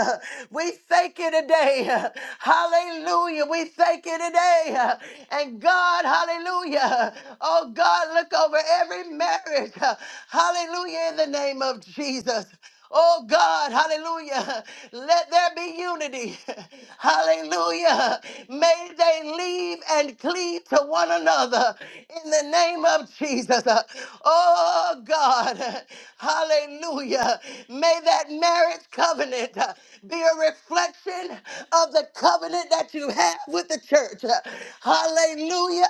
Speaker 3: We thank you today. Hallelujah. We thank you today. And God, hallelujah. Oh God, look over every marriage. Hallelujah in the name of Jesus. Oh God, hallelujah. Let there be unity. [laughs] Hallelujah. May they leave and cleave to one another in the name of Jesus. Oh God, hallelujah. May that marriage covenant uh, be a reflection of the covenant that you have with the church. Hallelujah.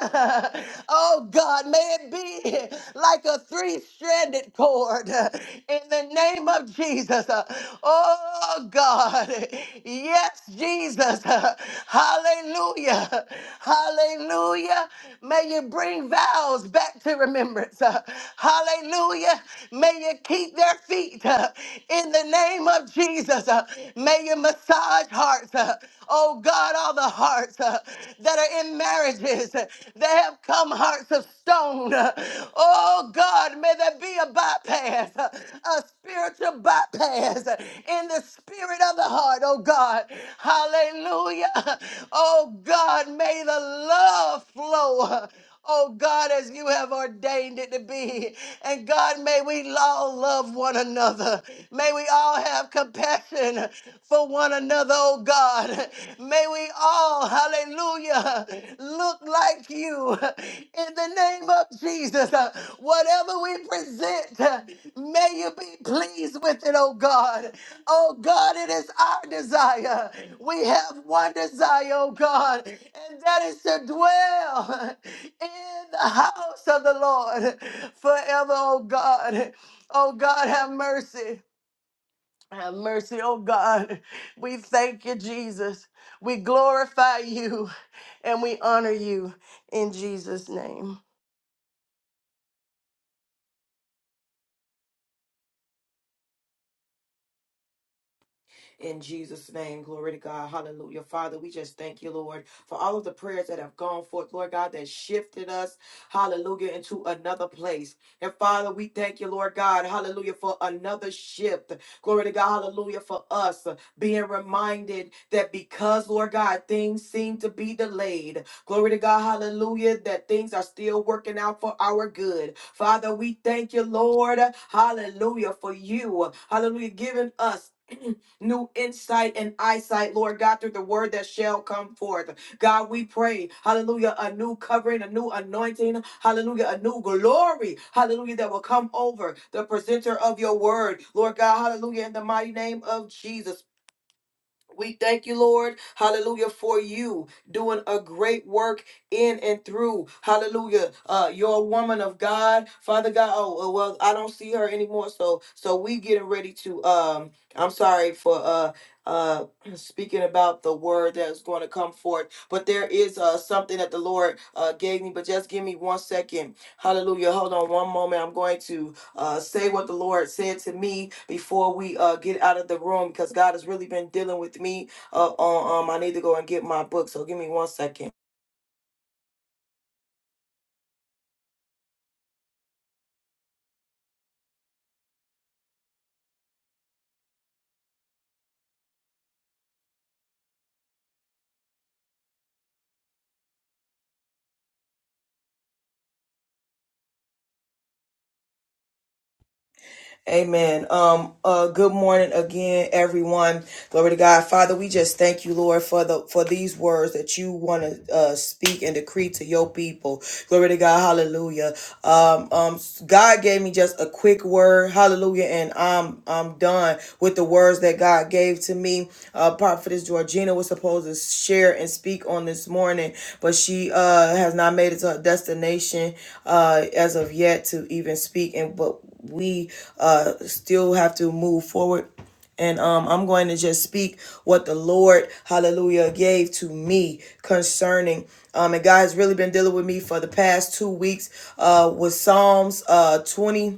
Speaker 3: Oh God, may it be. [laughs] like a three stranded cord [laughs] uh, in the name of Jesus. [laughs] Uh, Oh God. [laughs] Yes, Jesus. Uh, Hallelujah. [laughs] Hallelujah. May you bring vows back to remembrance. [laughs] Uh, Hallelujah. May you keep their feet [laughs] uh, in the name of Jesus. [laughs] Uh, May you massage hearts. [laughs] uh, Oh God, all the hearts. [laughs] uh, that are in marriages that have come hearts of stone. Oh God, may there be a bypass, a spiritual bypass in the spirit of the heart, oh God. Hallelujah. Oh God, may the love flow oh God, as you have ordained it to be. And God, may we all love one another. May we all have compassion for one another, oh God. May we all, hallelujah, look like you in the name of Jesus. Whatever we present, uh, may you be pleased with it, oh God. Oh God, it is our desire. We have one desire, oh God, and that is to dwell in the house of the Lord forever, oh God. Oh God, have mercy. Have mercy, oh God. We thank you, Jesus. We glorify you and we honor you in Jesus' name.
Speaker 4: in Jesus' name. Glory to God. Hallelujah. Father, we just thank you, Lord, for all of the prayers that have gone forth, Lord God, that shifted us, hallelujah, into another place. And Father, we thank you, Lord God, hallelujah, for another shift. Glory to God, hallelujah, for us uh, being reminded that because, Lord God, things seem to be delayed, glory to God, hallelujah, that things are still working out for our good. Father, we thank you, Lord, hallelujah, for you, hallelujah, giving us. [clears throat] new insight and eyesight, Lord God, through the word that shall come forth. God, we pray, hallelujah, a new covering, a new anointing, hallelujah, a new glory, hallelujah, that will come over the presenter of your word, Lord God, hallelujah, in the mighty name of Jesus. We thank you, Lord, hallelujah, for you doing a great work in and through, hallelujah. Uh, you woman of God, Father God. Oh, oh, well, I don't see her anymore, so so we getting ready to. Um, I'm sorry for uh uh [clears throat] speaking about the word that's going to come forth, but there is uh something that the Lord uh gave me. But just give me one second, hallelujah. Hold on one moment. I'm going to uh, say what the Lord said to me before we uh, get out of the room because God has really been dealing with me. Uh, on, um, I need to go and get my book, so give me one second.
Speaker 1: Amen. Um, uh, good morning again, everyone. Glory to God. Father, we just thank you, Lord, for the, for these words that you want to, uh, speak and decree to your people. Glory to God. Hallelujah. Um, um, God gave me just a quick word. Hallelujah. And, I'm. I'm I'm done with the words that God gave to me. Uh, Prophetess Georgina was supposed to share and speak on this morning, but she uh has not made it to her destination uh as of yet to even speak. And but we uh still have to move forward and um, I'm going to just speak what the Lord, hallelujah, gave to me concerning. Um, and God has really been dealing with me for the past two weeks uh, with Psalms uh, 20.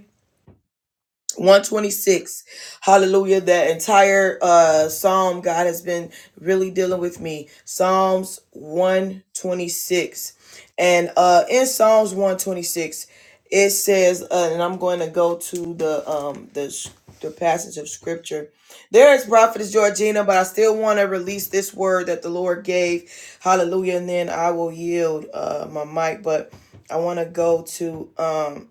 Speaker 1: 126 hallelujah that entire uh psalm god has been really dealing with me psalms 126 and uh in psalms 126 it says uh, and i'm going to go to the um the s- the passage of scripture there is prophetess georgina but i still want to release this word that the lord gave hallelujah and then i will yield uh my mic but i want to go to um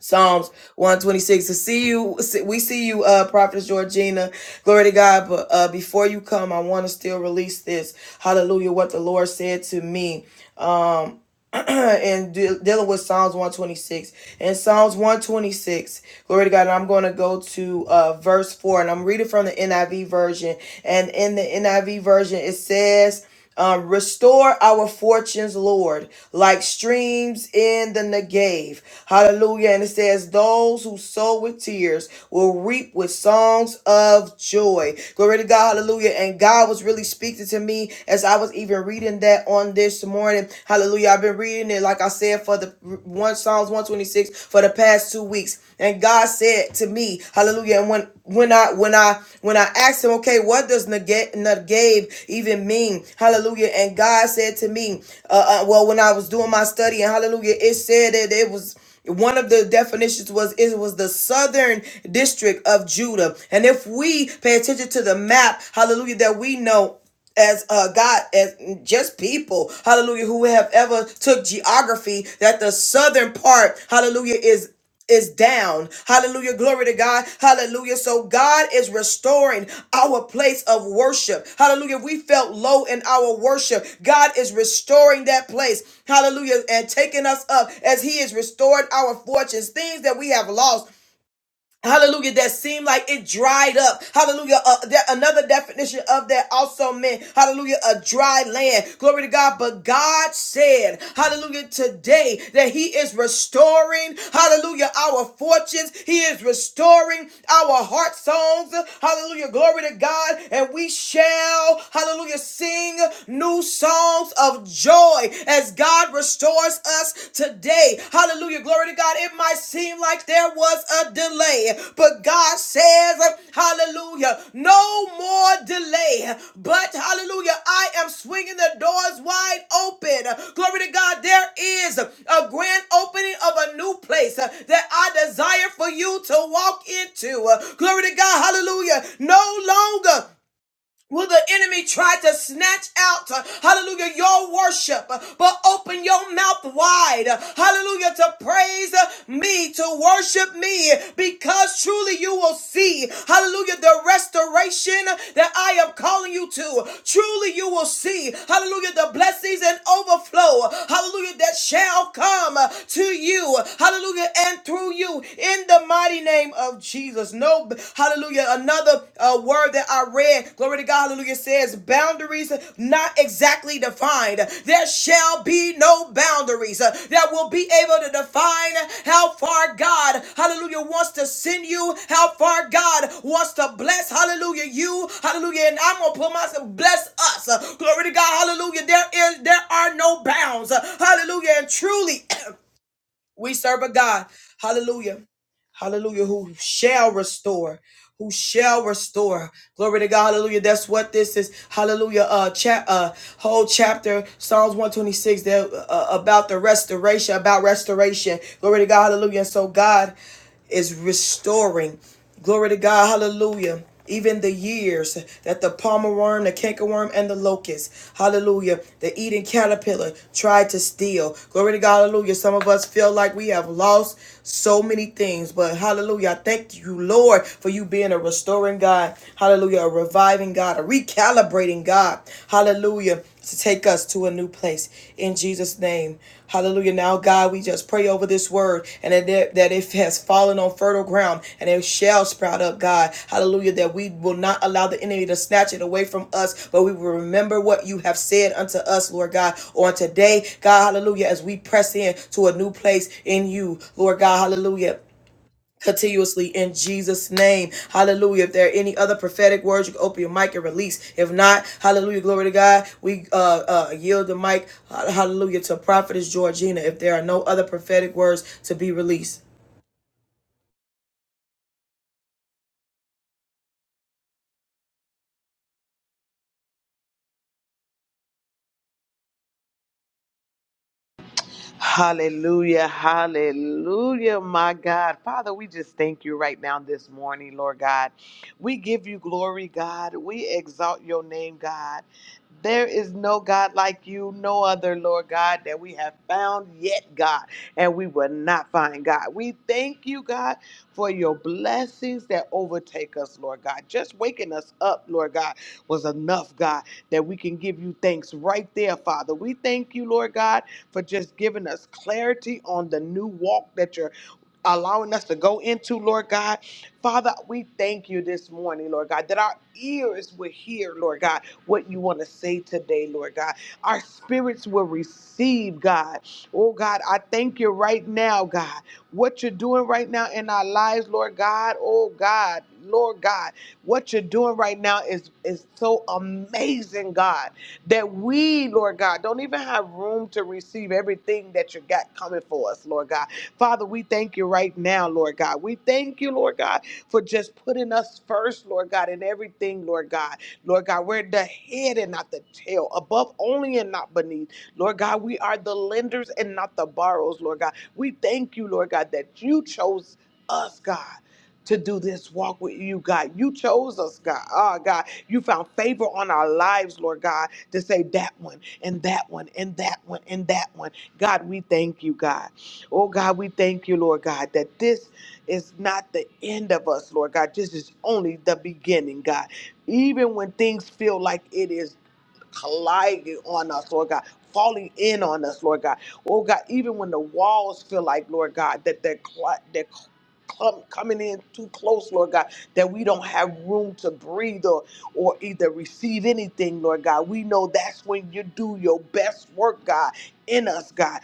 Speaker 1: Psalms 126. To see you, we see you, uh, Prophetess Georgina. Glory to God. But uh, before you come, I want to still release this. Hallelujah. What the Lord said to me. Um. [clears throat] and de- dealing with Psalms 126. In Psalms 126, glory to God, and I'm going to go to uh, verse 4, and I'm reading from the NIV version. And in the NIV version, it says, um, restore our fortunes, Lord, like streams in the Negev. Hallelujah. And it says, Those who sow with tears will reap with songs of joy. Glory to God. Hallelujah. And God was really speaking to me as I was even reading that on this morning, hallelujah, I've been reading it, like I said, for the one Psalms 126 for the past two weeks. And God said to me, hallelujah. And when when I when I when I asked him, okay, what does negate negave even mean? Hallelujah. And God said to me, uh, uh, well, when I was doing my study and hallelujah, it said that it was one of the definitions was it was the southern district of Judah. And if we pay attention to the map, hallelujah, that we know as uh, God, as just people, hallelujah, who have ever took geography, that the southern part, hallelujah, is is down. Hallelujah. Glory to God. Hallelujah. So God is restoring our place of worship. Hallelujah. We felt low in our worship. God is restoring that place. Hallelujah. And taking us up as he has restored our fortunes, things that we have lost. Hallelujah, that seemed like it dried up. Hallelujah, uh, that another definition of that also meant, hallelujah, a dry land. Glory to God. But God said, hallelujah, today that He is restoring, hallelujah, our fortunes. He is restoring our heart songs. Hallelujah, glory to God. And we shall, hallelujah, sing new songs of joy as God God restores us today. Hallelujah. Glory to God. It might seem like there was a delay, but God says, Hallelujah, no more delay. But Hallelujah, I am swinging the doors wide open. Glory to God. There is a grand opening of a new place that I desire for you to walk into. Glory to God. Hallelujah. No longer. Will the enemy try to snatch out, uh, hallelujah, your worship, uh, but open your mouth wide, uh, hallelujah, to praise uh, me, to worship me, because truly you will see, hallelujah, the restoration that I am calling you to. Truly you will see, hallelujah, the blessings and overflow, hallelujah, that shall come uh, to you, hallelujah, and through you in the mighty name of of Jesus. No, hallelujah. Another uh, word that I read, glory to God, hallelujah, says boundaries not exactly defined. There shall be no boundaries uh, that will be able to define how far God, hallelujah, wants to send you, how far God wants to bless, hallelujah, you, hallelujah. And I'm going to put myself, bless us. Uh, glory to God, hallelujah. There is, there are no bounds. Uh, hallelujah. And truly, [coughs] We serve a God, hallelujah, hallelujah, who shall restore, who shall restore. Glory to God, hallelujah. That's what this is, hallelujah. Uh, chap, uh, whole chapter, Psalms 126, there uh, about the restoration, about restoration. Glory to God, hallelujah. And so, God is restoring. Glory to God. Hallelujah. Even the years that the palmer worm, the cankerworm, and the locust, hallelujah, the eating caterpillar tried to steal. Glory to God, hallelujah. Some of us feel like we have lost so many things, but hallelujah, I thank you, Lord, for you being a restoring God, hallelujah, a reviving God, a recalibrating God, hallelujah to take us to a new place in Jesus' name. Hallelujah. Now, God, we just pray over this word and that it, that it has fallen on fertile ground and it shall sprout up, God. Hallelujah. That we will not allow the enemy to snatch it away from us, but we will remember what you have said unto us, Lord God, on today, God. Hallelujah. As we press in to a new place in you, Lord God. Hallelujah continuously in Jesus' name. Hallelujah. If there are any other prophetic words, you can open your mic and release. If not, hallelujah, glory to God. We uh, uh, yield the mic, uh, hallelujah, to Prophetess Georgina. If there are no other prophetic words to be released.
Speaker 5: Hallelujah, hallelujah, my God. Father, we just thank you right now this morning, Lord God. We give you glory, God. We exalt your name, God. There is no God like you, no other, Lord God, that we have found yet, God, and we will not find, God. We thank you, God, for your blessings that overtake us, Lord God. Just waking us up, Lord God, was enough, God that we can give you thanks right there, Father. We thank you, Lord God, for just giving us clarity on the new walk that you're allowing us to go into, Lord God. Father, we thank you this morning, Lord God, that our ears will hear, Lord God, what you want to say today, Lord God. Our spirits will receive, God. Oh, God, I thank you right now, God, what you're doing right now in our lives, Lord God. Oh, God, Lord God. What you're doing right now is is so amazing, God, that we, Lord God, don't even have room to receive everything that you got coming for us, Lord God. Father, we thank you right now, Lord God. We thank you, Lord God, for just putting us first, Lord God, in everything, Lord God. Lord God, we're the head and not the tail, above only and not beneath. Lord God, we are the lenders and not the borrowers, Lord God. We thank you, Lord God, that you chose us, God to do this walk with you, God. You chose us, God. Ah, God, you found favor on our lives, Lord God, to say that one and that one and that one and that one. God, we thank you, God. Oh, God, we thank you, Lord God, that this is not the end of us, Lord God. This is only the beginning, God. Even when things feel like it is colliding on us, Lord God, falling in on us, Lord God. Oh God, even when the walls feel like, Lord God, that they're, cl- they're clum- coming in too close, Lord God, that we don't have room to breathe or, or either receive anything, Lord God. We know that's when you do your best work, God, in us, God.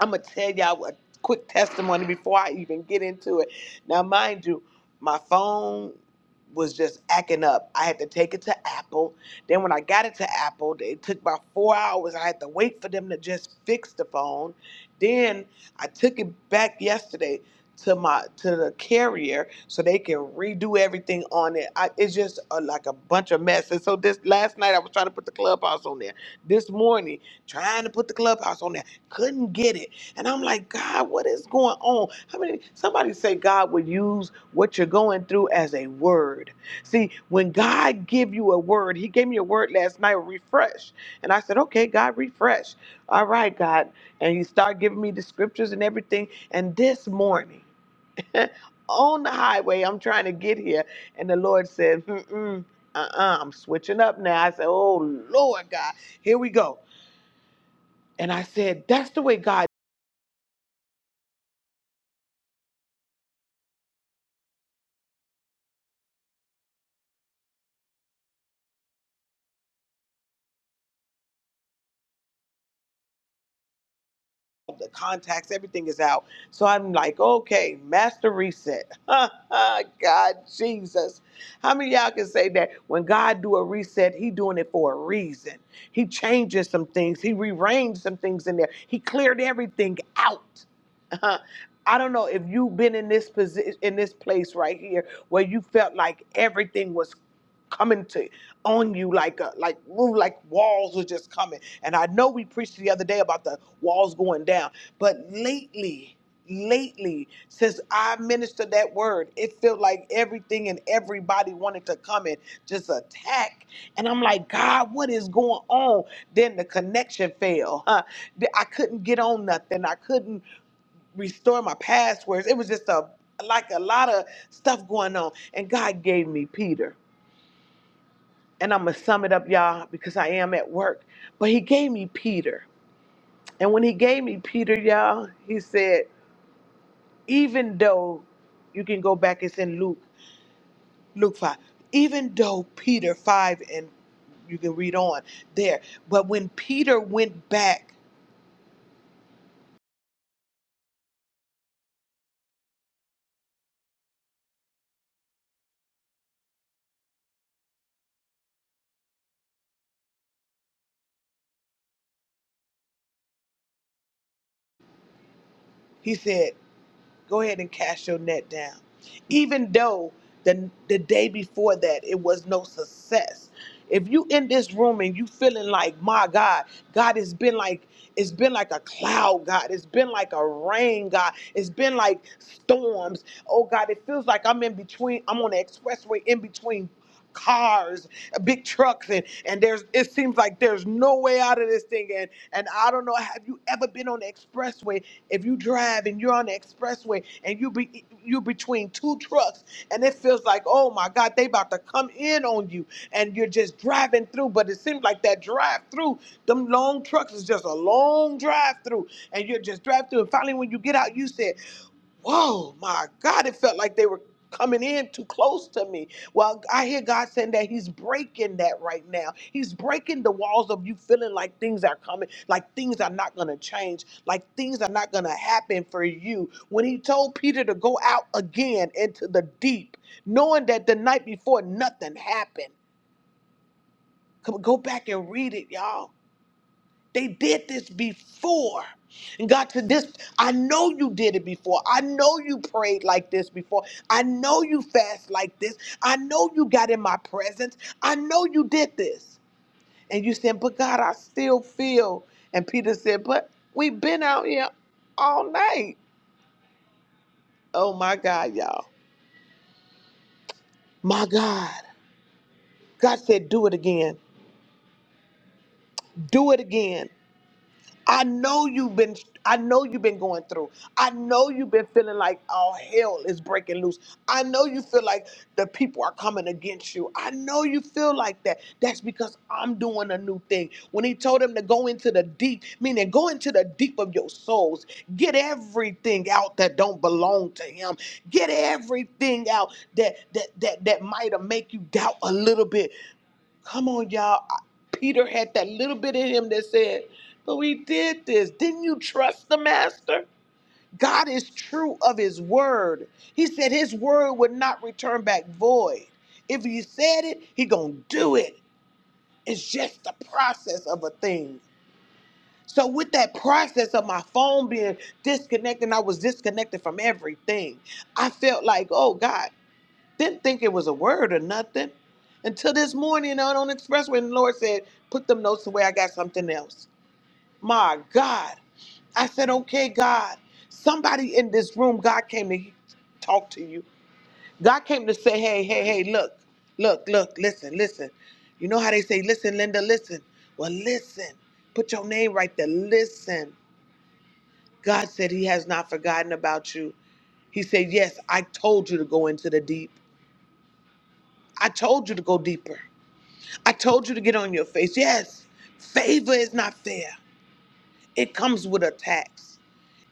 Speaker 5: I'm gonna tell y'all a quick testimony before I even get into it. Now, mind you, my phone was just acting up. I had to take it to Apple. Then when I got it to Apple, it took about four hours. I had to wait for them to just fix the phone. Then I took it back yesterday to my to the carrier so they can redo everything on it. I, it's just a, like a bunch of mess. And so this last night I was trying to put the clubhouse on there. This morning trying to put the clubhouse on there couldn't get it. And I'm like, God, what is going on? How many somebody say God would use what you're going through as a word? See, when God give you a word, He gave me a word last night, refresh. And I said, Okay, God, refresh. All right, God. And He started giving me the scriptures and everything. And this morning, [laughs] on the highway, I'm trying to get here, and the Lord said, Mm-mm, uh-uh, I'm switching up now. I said, Oh Lord God, here we go. And I said, That's the way God the contacts, everything is out. So I'm like, okay, master reset. [laughs] God Jesus. How many of y'all can say that when God do a reset, he doing it for a reason. He changes some things. He rearranged some things in there. He cleared everything out. [laughs] I don't know if you've been in this position in this place right here where you felt like everything was coming to on you like a like ooh, like walls were just coming. And I know we preached the other day about the walls going down, but lately, lately, since I ministered that word, it felt like everything and everybody wanted to come and just attack. And I'm like, God, what is going on? Then the connection failed. Huh? Th- [laughs] I couldn't get on nothing. I couldn't restore my passwords. It was just a like a lot of stuff going on. And God gave me Peter. And I'm gonna sum it up, y'all, because I am at work. But he gave me Peter. And when he gave me Peter, y'all, he said, even though you can go back, it's in Luke, Luke 5. Even though Peter 5, and you can read on there, but when Peter went back, he said, Go ahead and cast your net down. Even though the the day before that it was no success. If you in this room and you feeling like, my God, God has been like it's been like a cloud, God. It's been like a rain, God. It's been like storms. Oh God, it feels like I'm in between, I'm on the expressway in between cars, big trucks, and and there's it seems like there's no way out of this thing. And and I don't know, have you ever been on the expressway if you drive and you're on the expressway and you be you between two trucks and it feels like, oh my God, they about to come in on you and you're just driving through, but it seems like that drive through, them long trucks is just a long drive through, and you're just drive through. And finally when you get out, you said whoa, my God, it felt like they were coming in too close to me. Well, I hear God saying that He's breaking that right now. He's breaking the walls of you feeling like things are coming, like things are not going to change, like things are not going to happen for you. When He told Peter to go out again into the deep, knowing that the night before nothing happened. Come, on, go back and read it, y'all they did this before. And God said, This, I know you did it before. I know you prayed like this before. I know you fast like this. I know you got in my presence. I know you did this. And you said, But God, I still feel. And Peter said, But we've been out here all night. Oh my God, y'all. My God. God said, Do it again. Do it again. I know you've been I know you've been going through. I know you've been feeling like all hell is breaking loose. I know you feel like the people are coming against you. I know you feel like that. That's because I'm doing a new thing. When he told them to go into the deep, meaning go into the deep of your souls. Get everything out that don't belong to him. Get everything out that that that that might have make you doubt a little bit Come on, y'all. I- Peter had that little bit in him that said, But we did this. Didn't you trust the master? God is true of his word. He said his word would not return back void. If he said it, he gonna do it. It's just the process of a thing. So with that process of my phone being disconnected, and I was disconnected from everything. I felt like, oh God. Didn't think it was a word or nothing until this morning out on the expressway. And the Lord said, Put them notes away. I got something else. My God. I said, Okay, God. Somebody in this room, God came to talk to you. God came to say, Hey, hey, hey, look, look, look, listen, listen. You know how they say, Listen, Linda, listen. Well, listen. Put your name right there. Listen. God said, He has not forgotten about you. He said, Yes, I told you to go into the deep. I told you to go deeper. I told you to get on your face. Yes, favor is not fair. It comes with attacks,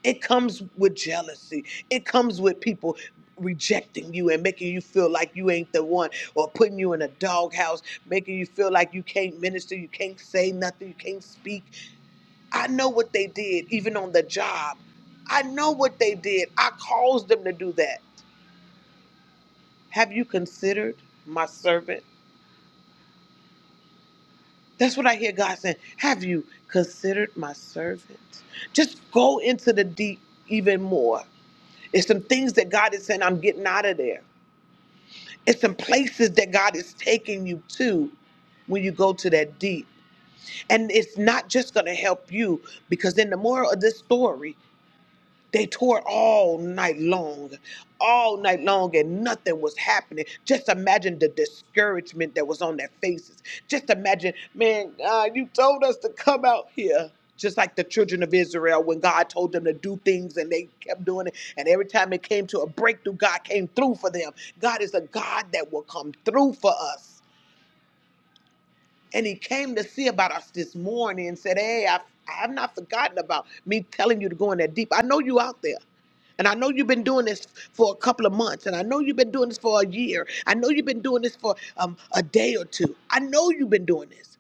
Speaker 5: it comes with jealousy, it comes with people rejecting you and making you feel like you ain't the one or putting you in a doghouse, making you feel like you can't minister, you can't say nothing, you can't speak. I know what they did, even on the job. I know what they did. I caused them to do that. Have you considered my servant? That's what I hear God saying. Have you considered my servant? Just go into the deep even more. It's some things that God is saying, I'm getting out of there. It's some places that God is taking you to when you go to that deep. And it's not just going to help you because then the moral of this story, they tore all night long, all night long, and nothing was happening. Just imagine the discouragement that was on their faces. Just imagine, man, God, you told us to come out here. Just like the children of Israel, when God told them to do things and they kept doing it. And every time it came to a breakthrough, God came through for them. God is a God that will come through for us. And He came to see about us this morning and said, Hey, I, I have not forgotten about me telling you to go in that deep. I know you out there. And I know you've been doing this for a couple of months, and I know you've been doing this for a year. I know you've been doing this for um, a day or two. I know you've been doing this,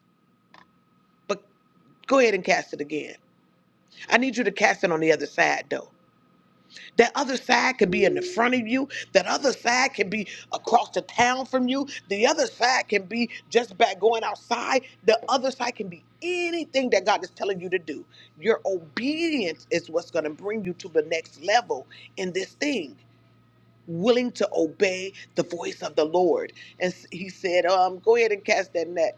Speaker 5: but go ahead and cast it again. I need you to cast it on the other side, though. That other side could be in the front of you. That other side can be across the town from you. The other side can be just back going outside. The other side can be anything that God is telling you to do. Your obedience is what's going to bring you to the next level in this thing. willing to obey the voice of the Lord. And s- he said, um, Go ahead and cast that net.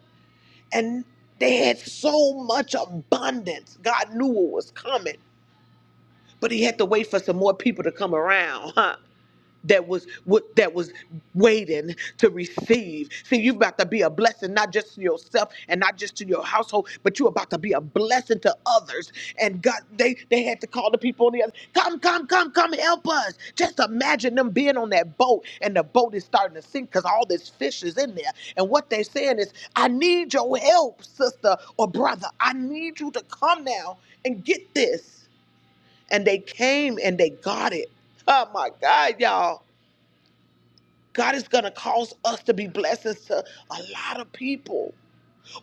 Speaker 5: And they had so much abundance. God knew what was coming, but he had to wait for some more people to come around. [laughs] that was what that was waiting to receive. See, you're about to be a blessing not just to yourself and not just to your household, but you're about to be a blessing to others. And God, they they had to call the people on the other, come, come, come, come, help us. Just imagine them being on that boat and the boat is starting to sink because all this fish is in there. And what they're saying is, I need your help, sister or brother. I need you to come now and get this. And they came and they got it. Oh my God, y'all. God is going to cause us to be blessings to a lot of people,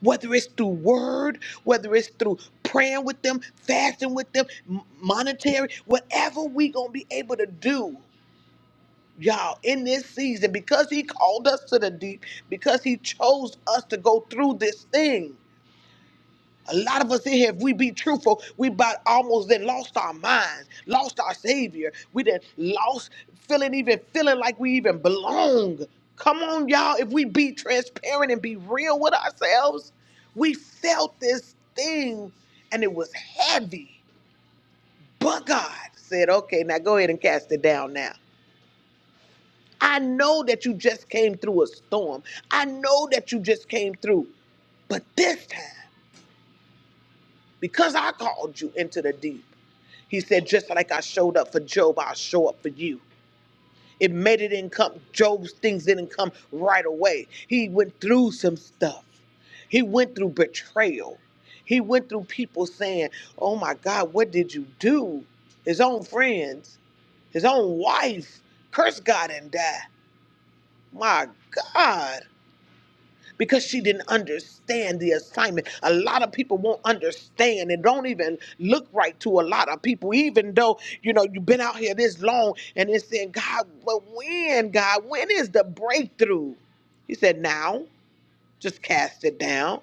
Speaker 5: whether it's through word, whether it's through praying with them, fasting with them, m- monetary, whatever we going to be able to do, y'all, in this season, because He called us to the deep, because He chose us to go through this thing. A lot of us in here, if we be truthful, we about almost then lost our minds, lost our savior. We then lost feeling even feeling like we even belong. Come on, y'all. If we be transparent and be real with ourselves, we felt this thing and it was heavy. But God said, okay, now go ahead and cast it down now. I know that you just came through a storm. I know that you just came through. But this time, because I called you into the deep. He said, just like I showed up for Job, I'll show up for you. It made it didn't come, Job's things didn't come right away. He went through some stuff. He went through betrayal. He went through people saying, Oh my God, what did you do? His own friends, his own wife, curse God and die. My God because she didn't understand the assignment. A lot of people won't understand and don't even look right to a lot of people, even though you know you've been out here this long and it's saying, God, but when, God, when is the breakthrough? He said, Now, just cast it down.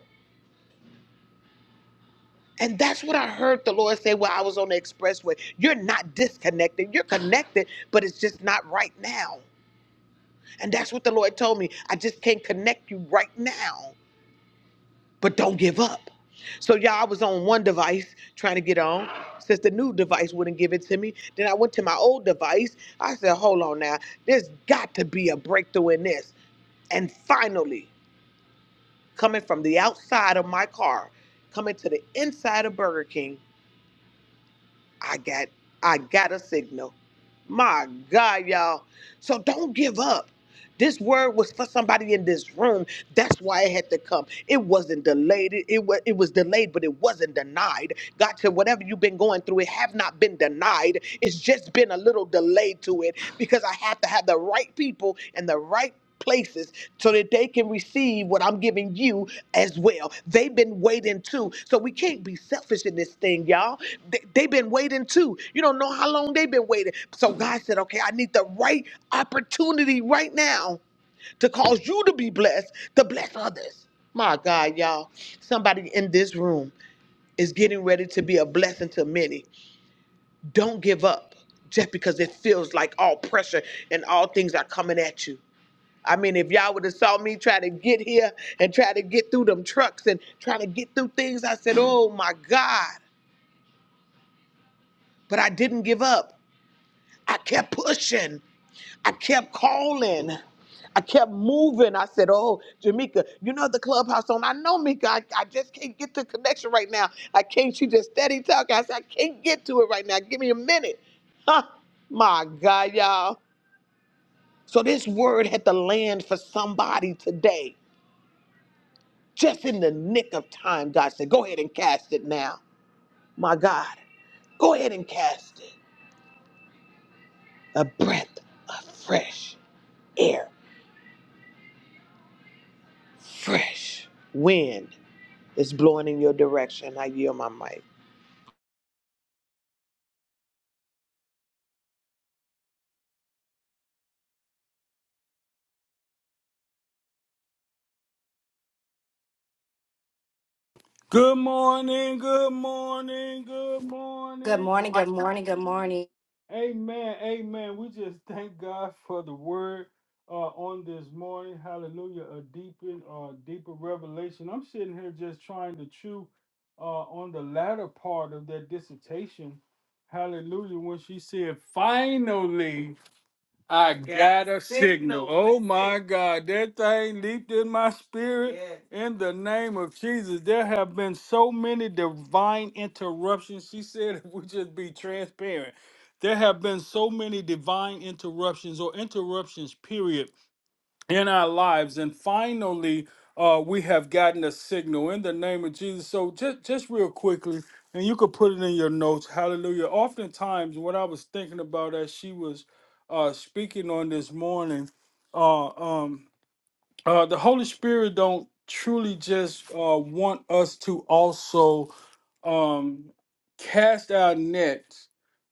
Speaker 5: And that's what I heard the Lord say while I was on the expressway. You're not disconnected. You're connected, but it's just not right now. And that's what the Lord told me. I just can't connect you right now. but don't give up. So y'all, I was on one device trying to get on. Since the new device wouldn't give it to me, then I went to my old device. I said, "Hold on now, there's got to be a breakthrough in this." And finally, coming from the outside of my car, coming to the inside of Burger King, I got I got a signal. My God, y'all! So don't give up. This word was for somebody in this room that's why it had to come. It wasn't delayed. It, it, it was delayed, but it wasn't denied. God said, whatever you've been going through, it have not been denied. It's just been a little delayed to it because I have to have the right people and the right places so that they can receive what I'm giving you as well. They've been waiting too. So we can't be selfish in this thing, y'all. They, they've been waiting too. You don't know how long they've been waiting. So God said, okay, I need the right opportunity right now to cause you to be blessed, to bless others. My God, y'all, somebody in this room is getting ready to be a blessing to many. Don't give up just because it feels like all pressure and all things are coming at you. I mean, if y'all would have saw me try to get here and try to get through them trucks and try to get through things, I said, oh my God. But I didn't give up. I kept pushing. I kept calling. I kept moving. I said, Oh, Jamika, you know the clubhouse on. I know, Mika. I, I just can't get the connection right now. I can't. She just steady talking. I said, I can't get to it right now. Give me a minute. Huh. My God, y'all. So this word had to land for somebody today. Just in the nick of time, God said, Go ahead and cast it now. My God, go ahead and cast it. A breath of fresh air, fresh wind It's blowing in your direction. I yield my mic.
Speaker 4: Good morning, good morning, good
Speaker 2: Good
Speaker 4: morning.
Speaker 2: morning.
Speaker 4: Amen. Amen. We just thank God for the word uh, on this morning. Hallelujah. A deepened, uh, deeper revelation. I'm sitting here just trying to chew uh, on the latter part of that dissertation. Hallelujah. When she said, finally. I Got got a signal. signal. Oh my God, that thing leaped in my spirit. Yes. In the name of Jesus, there have been so many divine interruptions. She said, if we just be transparent, there have been so many divine interruptions or interruptions, period, in our lives. And finally, uh, we have gotten a signal in the name of Jesus. So just just real quickly, and you could put it in your notes. Hallelujah. Oftentimes, what I was thinking about as she was uh, speaking on this morning. Uh, um, uh, the Holy Spirit don't truly just uh, want us to also um, cast our nets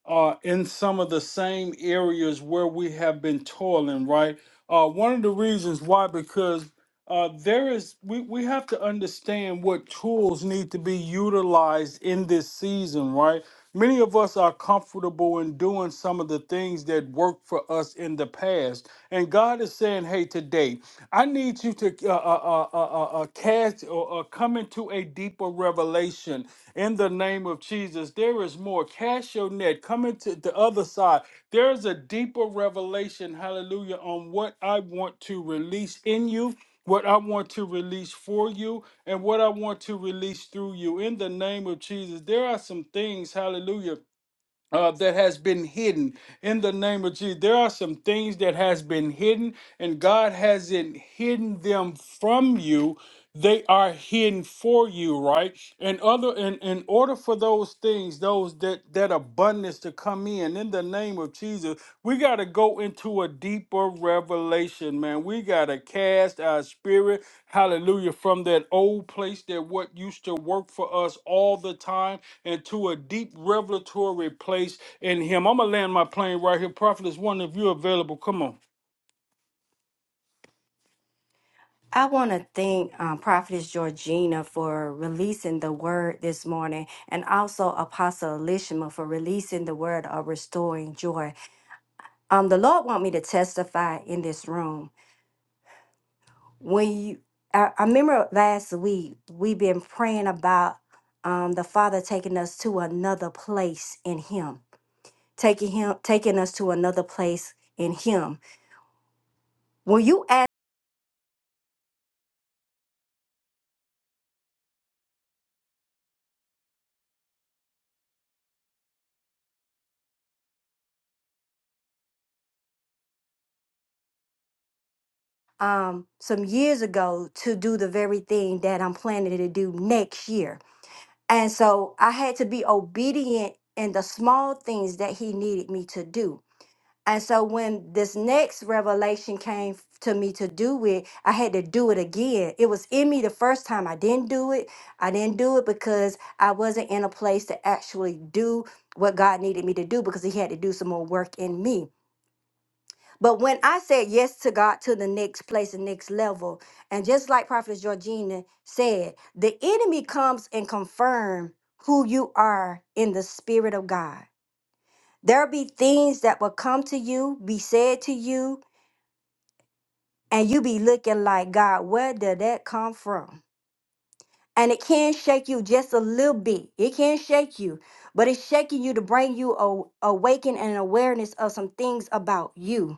Speaker 4: uh, in some of the same areas where we have been toiling, right? Uh, one of the reasons why, because uh, there is we, we have to understand what tools need to be utilized in this season, right? Many of us are comfortable in doing some of the things that worked for us in the past and God is saying, hey, today, I need you to uh, uh, uh, uh, uh, cast or uh, come into a deeper revelation in the name of Jesus. There is more. Cast your net. Come into the other side. There is a deeper revelation, hallelujah, on what I want to release in you. What I want to release for you and what I want to release through you in the name of Jesus. There are some things, hallelujah uh, that has been hidden in the name of jesus there are some things that has been hidden and god hasn't hidden them from you they are hidden for you right and other and in order for those things those that that abundance to come in in the name of jesus Jesus, we got to go into a deeper revelation, man. We got to cast our spirit, hallelujah, from that old place that what used to work for us all the time into a deep revelatory place in Him. I'm going to land my plane right here. Prophet is one of you available. Come on.
Speaker 2: I want to thank um, Prophetess Georgina for releasing the word this morning and also Apostle Elishma for releasing the word of restoring joy. Um, the Lord want me to testify in this room. When you, I, I remember last week, we've been praying about um, the Father taking us to another place in Him, taking Him, taking us to another place in Him. When you ask um some years ago to do the very thing that I'm planning to do next year. And so I had to be obedient in the small things that he needed me to do. And so when this next revelation came f- to me to do it, I had to do it again. It was in me the first time. I didn't do it. I didn't do it because I wasn't in a place to actually do what God needed me to do because he had to do some more work in me. But when I said yes to God to the next place and next level, and just like Prophet Georgina said, the enemy comes and confirm who you are in the spirit of God. There'll be things that will come to you, be said to you, and you be looking like God, where did that come from? And it can shake you just a little bit. It can shake you, but it's shaking you to bring you a awaken and awareness of some things about you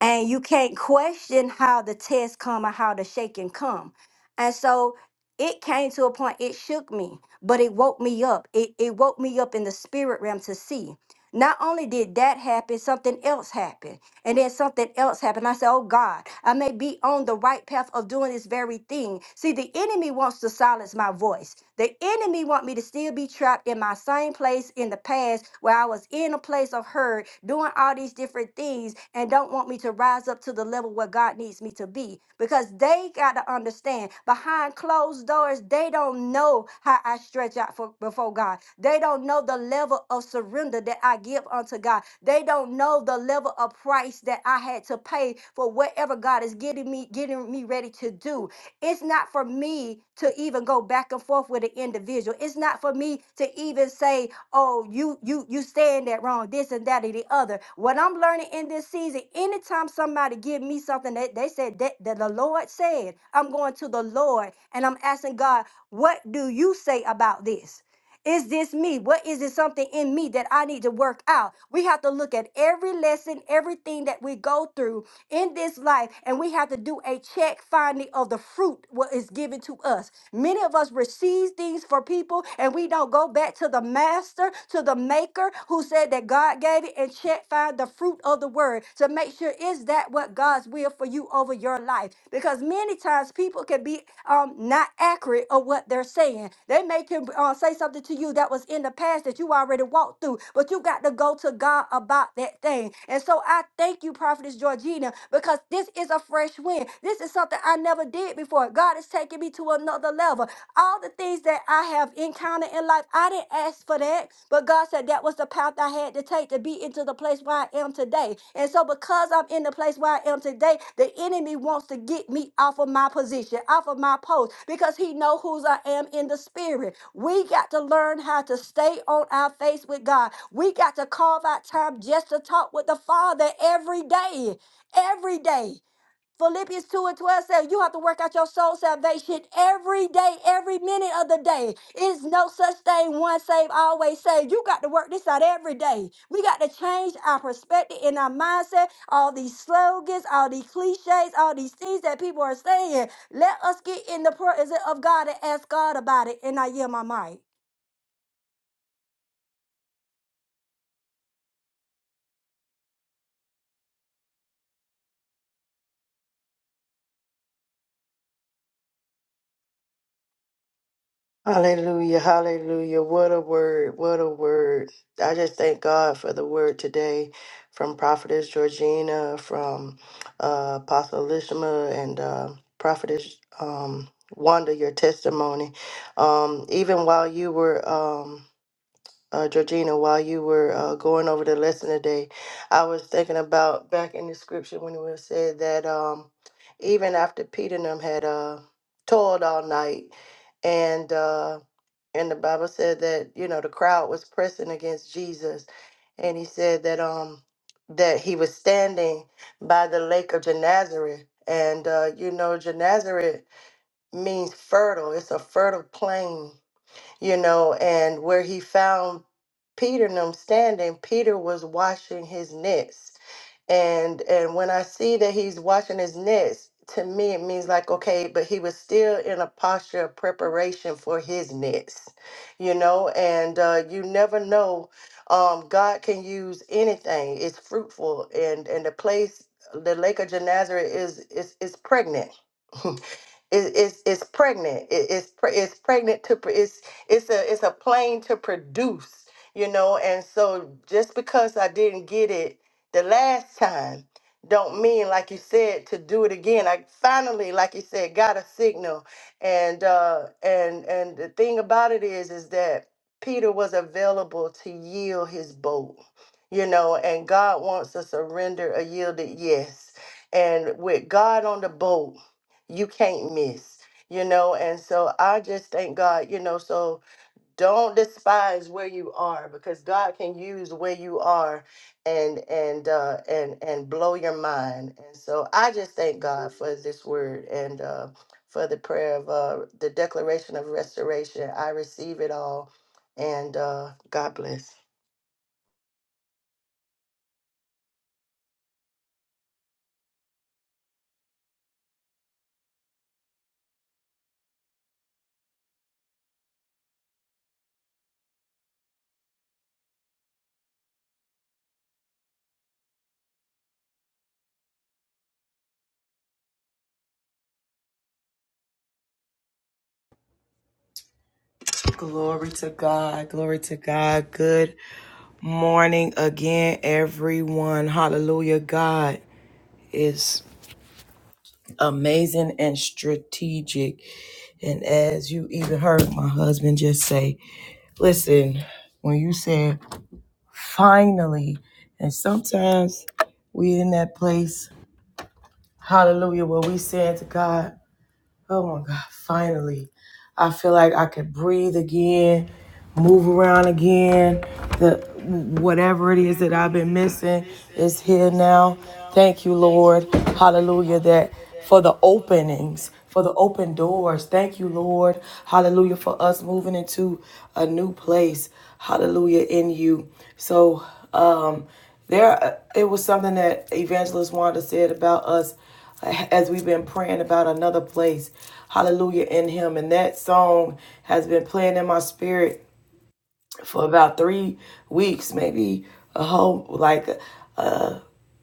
Speaker 2: and you can't question how the test come or how the shaking come and so it came to a point it shook me but it woke me up it, it woke me up in the spirit realm to see not only did that happen something else happened and then something else happened. I said, Oh God, I may be on the right path of doing this very thing. See, the enemy wants to silence my voice. The enemy want me to still be trapped in my same place in the past where I was in a place of hurt, doing all these different things, and don't want me to rise up to the level where God needs God needs me to be because they got to understand behind closed doors, they don't know how I stretch out for, before God. They don't know the level of surrender that I give unto God. They don't know the level of price that I had to pay for whatever God is getting me getting me ready to do. It's not for me to even go back and forth with an individual. It's not for me to even say, "Oh, you you you saying that wrong, this and that and the other." What I'm learning in this season, anytime somebody give me something that they said that, that the Lord said, I'm going to the Lord and I'm asking God, "What do you say about this?" Is this me? What is it something in me that I need to work out? We have to look at every lesson, everything that we go through in this life, and we have to do a check finding of the fruit what is given to us. Many of us receive things for people, and we don't go back to the master, to the maker who said that God gave it and check find the fruit of the word to make sure is that what out God's will for you over your life. Because many times people can be um, not accurate of what they're saying. They may can uh, say something to you that was in the past that you already walked through, but you got to go to God about that thing. And so I thank you, Prophetess Georgina, because this is a fresh wind. This is something I never did before. God is taking me to another level. All the things that I have encountered encounter in life. I didn't ask for that, but God said that was the path I had to take to be into the place where I am today. And so, because I'm in the place where I am today, the enemy wants to get me off of my position, off of my post, because he know whose I am in the spirit. We got to learn how to stay on our face with God. We got to carve out time just to talk with the Father every day, every day. Philippians 2 and 12 says you have to work out your soul salvation every day, every minute of the day. It's no such thing, one saved, always saved. You got to work this out every day. We got to change our perspective and our mindset. All these slogans, all these cliches, all these things that people are saying. Let us get in the presence of God and ask God about it. And I yield my mic.
Speaker 3: Hallelujah, hallelujah. What a word, what a word. I just thank God for the word today from Prophetess Georgina, from uh, Apostle Lishma, and uh, Prophetess um, Wanda, your testimony. Um, even while you were. Um, uh, Georgina, while you were uh, going over the lesson today, I was thinking about back in the scripture when it was said that um, even after Peter and them had uh, toiled all night, and uh, and the Bible said that you know the crowd was pressing against Jesus, and he said that um that he was standing by the lake of Gennesaret, and uh, you know Gennesaret means fertile; it's a fertile plain you know, and where he found Peter and them standing, Peter was washing his nets and and when i see that he's washing his nets to me it means like okay but he was still in a posture of preparation for his nets you know and uh, you never know um, god can use anything it's fruitful and and the place the lake of gennesaret is is is pregnant [laughs] It, it's it's pregnant. It, it's pre- it's pregnant to pr- it's it's a it's a plane to produce. You know, and so just because I didn't get it the last time, don't mean like you said to do it again. I finally, like you said, got a signal, and uh, and and the thing about it is, is that Peter was available to yield his boat, you know, and God wants to surrender a yielded yes. And with God on the boat, you can't miss, you know. And so I just thank God, you know. So don't despise where you are because God can use where you are and and uh and and blow your mind. And so I just thank God for this word and uh for the prayer of uh the declaration of restoration. I receive it all and uh God bless.
Speaker 1: Glory to God. Glory to God. Good morning again, everyone. Hallelujah. God is amazing and strategic. And as you even heard my husband just say, listen, when you said finally. And sometimes we in that place, hallelujah, where we saying to God, oh my God, finally. I feel like I could breathe again move around again. The whatever it is that I've been missing is here now. Thank you, Lord. Hallelujah. That for the openings, for the open doors. Thank you, Lord. Hallelujah. For us moving into a new place. Hallelujah in you. So um there uh, it was something that evangelist wanda said about us uh, as we've been praying about another place hallelujah in him and that song has been playing in my spirit for about three weeks, maybe a whole like uh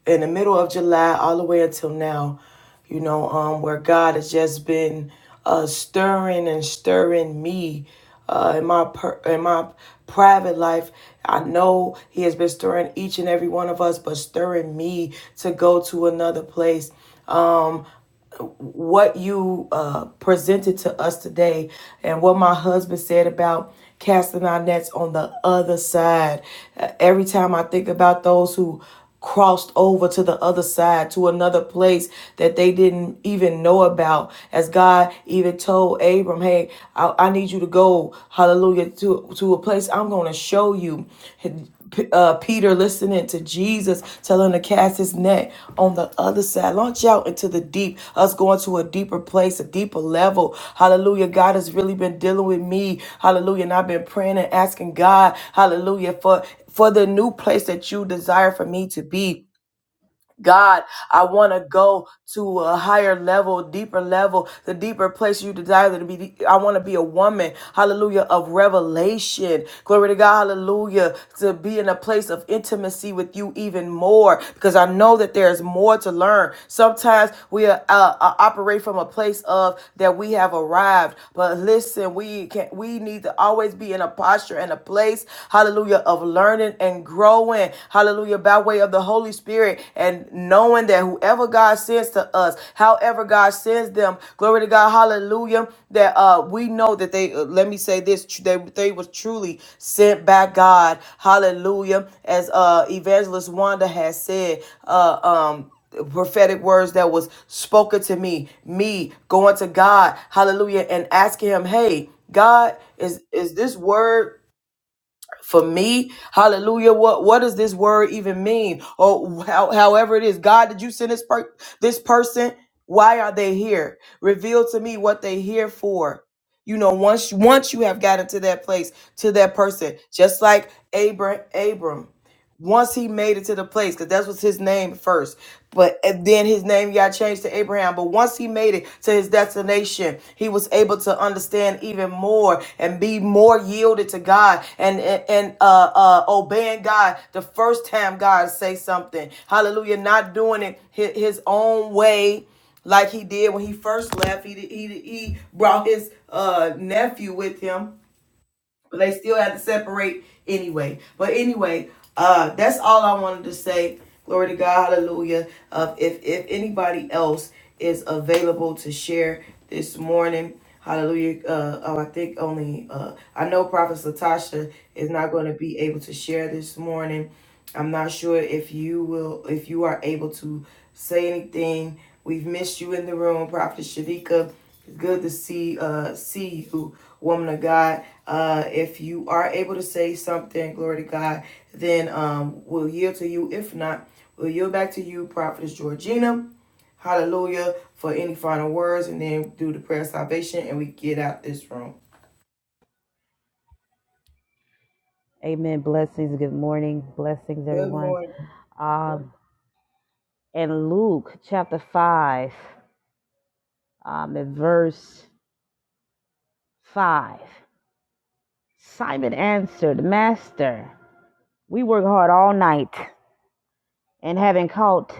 Speaker 1: in the middle of July all the way until now, you know, um where God has just been uh stirring and stirring me uh in my per- in my private life. I know he has been stirring each and every one of us, but stirring me to go to another place what you uh, presented to us today and what my husband said about casting our nets on the other side. Uh, every time I think about those who crossed over to the other side to another place that they didn't even know about as god even told abram hey i, I need you to go hallelujah to, to a place i'm going to show you P- uh, Peter listening to Jesus telling him to cast his net on the other side. Launch out into the deep, us going to a deeper place, a deeper level. Hallelujah. God has really been dealing with me. Hallelujah. And I've been praying and asking God, hallelujah, for, for the new place that you desire for me to be. God, I want to go to a higher level, deeper level, the deeper place you desire to be. I want to be a woman, hallelujah, of revelation. Glory to God, hallelujah, to be in a place of intimacy with you even more because I know that there's more to learn. Sometimes we uh, uh, operate from a place of that we have arrived, but listen, we can we need to always be in a posture and a place, hallelujah, of learning and growth flowing, hallelujah, by way of the Holy Spirit and knowing that whoever God sends to us, however God sends them, glory to God, hallelujah, that uh we know that they uh, let me say this, tr- they they was truly sent by God. Hallelujah. As uh evangelist Wanda has said, uh um prophetic words that was spoken to me me going to god hallelujah and asking him hey god is is this word for me hallelujah what what does this word even mean or how, however it is god did you send this per- this person why are they here reveal to me what they here for you know once once you have gotten to that place to that person just like abram abram once he made it to the place because that was his name first but then his name got changed to abraham but once he made it to his destination he was able to understand even more and be more yielded to god and and, and, uh, uh obeying god the first time god say something hallelujah not doing it his, his own way like he did when he first left he, he, he brought his uh nephew with him but they still had to separate anyway. But anyway, uh, that's all I wanted to say. Glory to God, Hallelujah. Uh, if if anybody else is available to share this morning, Hallelujah. Uh, oh, I think only uh, I know Prophet Latasha is not going to be able to share this morning. I'm not sure if you will if you are able to say anything. We've missed you in the room, Prophet Shavika. It's good to see uh see you, woman of God. Uh if you are able to say something, glory to God, then um we'll yield to you. If not, we'll yield back to you, Prophetess Georgina. Hallelujah for any final words and then do the prayer of salvation and we get out this room.
Speaker 6: Amen. Blessings. Good morning. Blessings,
Speaker 1: Good
Speaker 6: everyone.
Speaker 1: morning.
Speaker 6: Um, and Luke chapter 5, um, and verse 5. Simon answered, Master, we work hard all night and haven't caught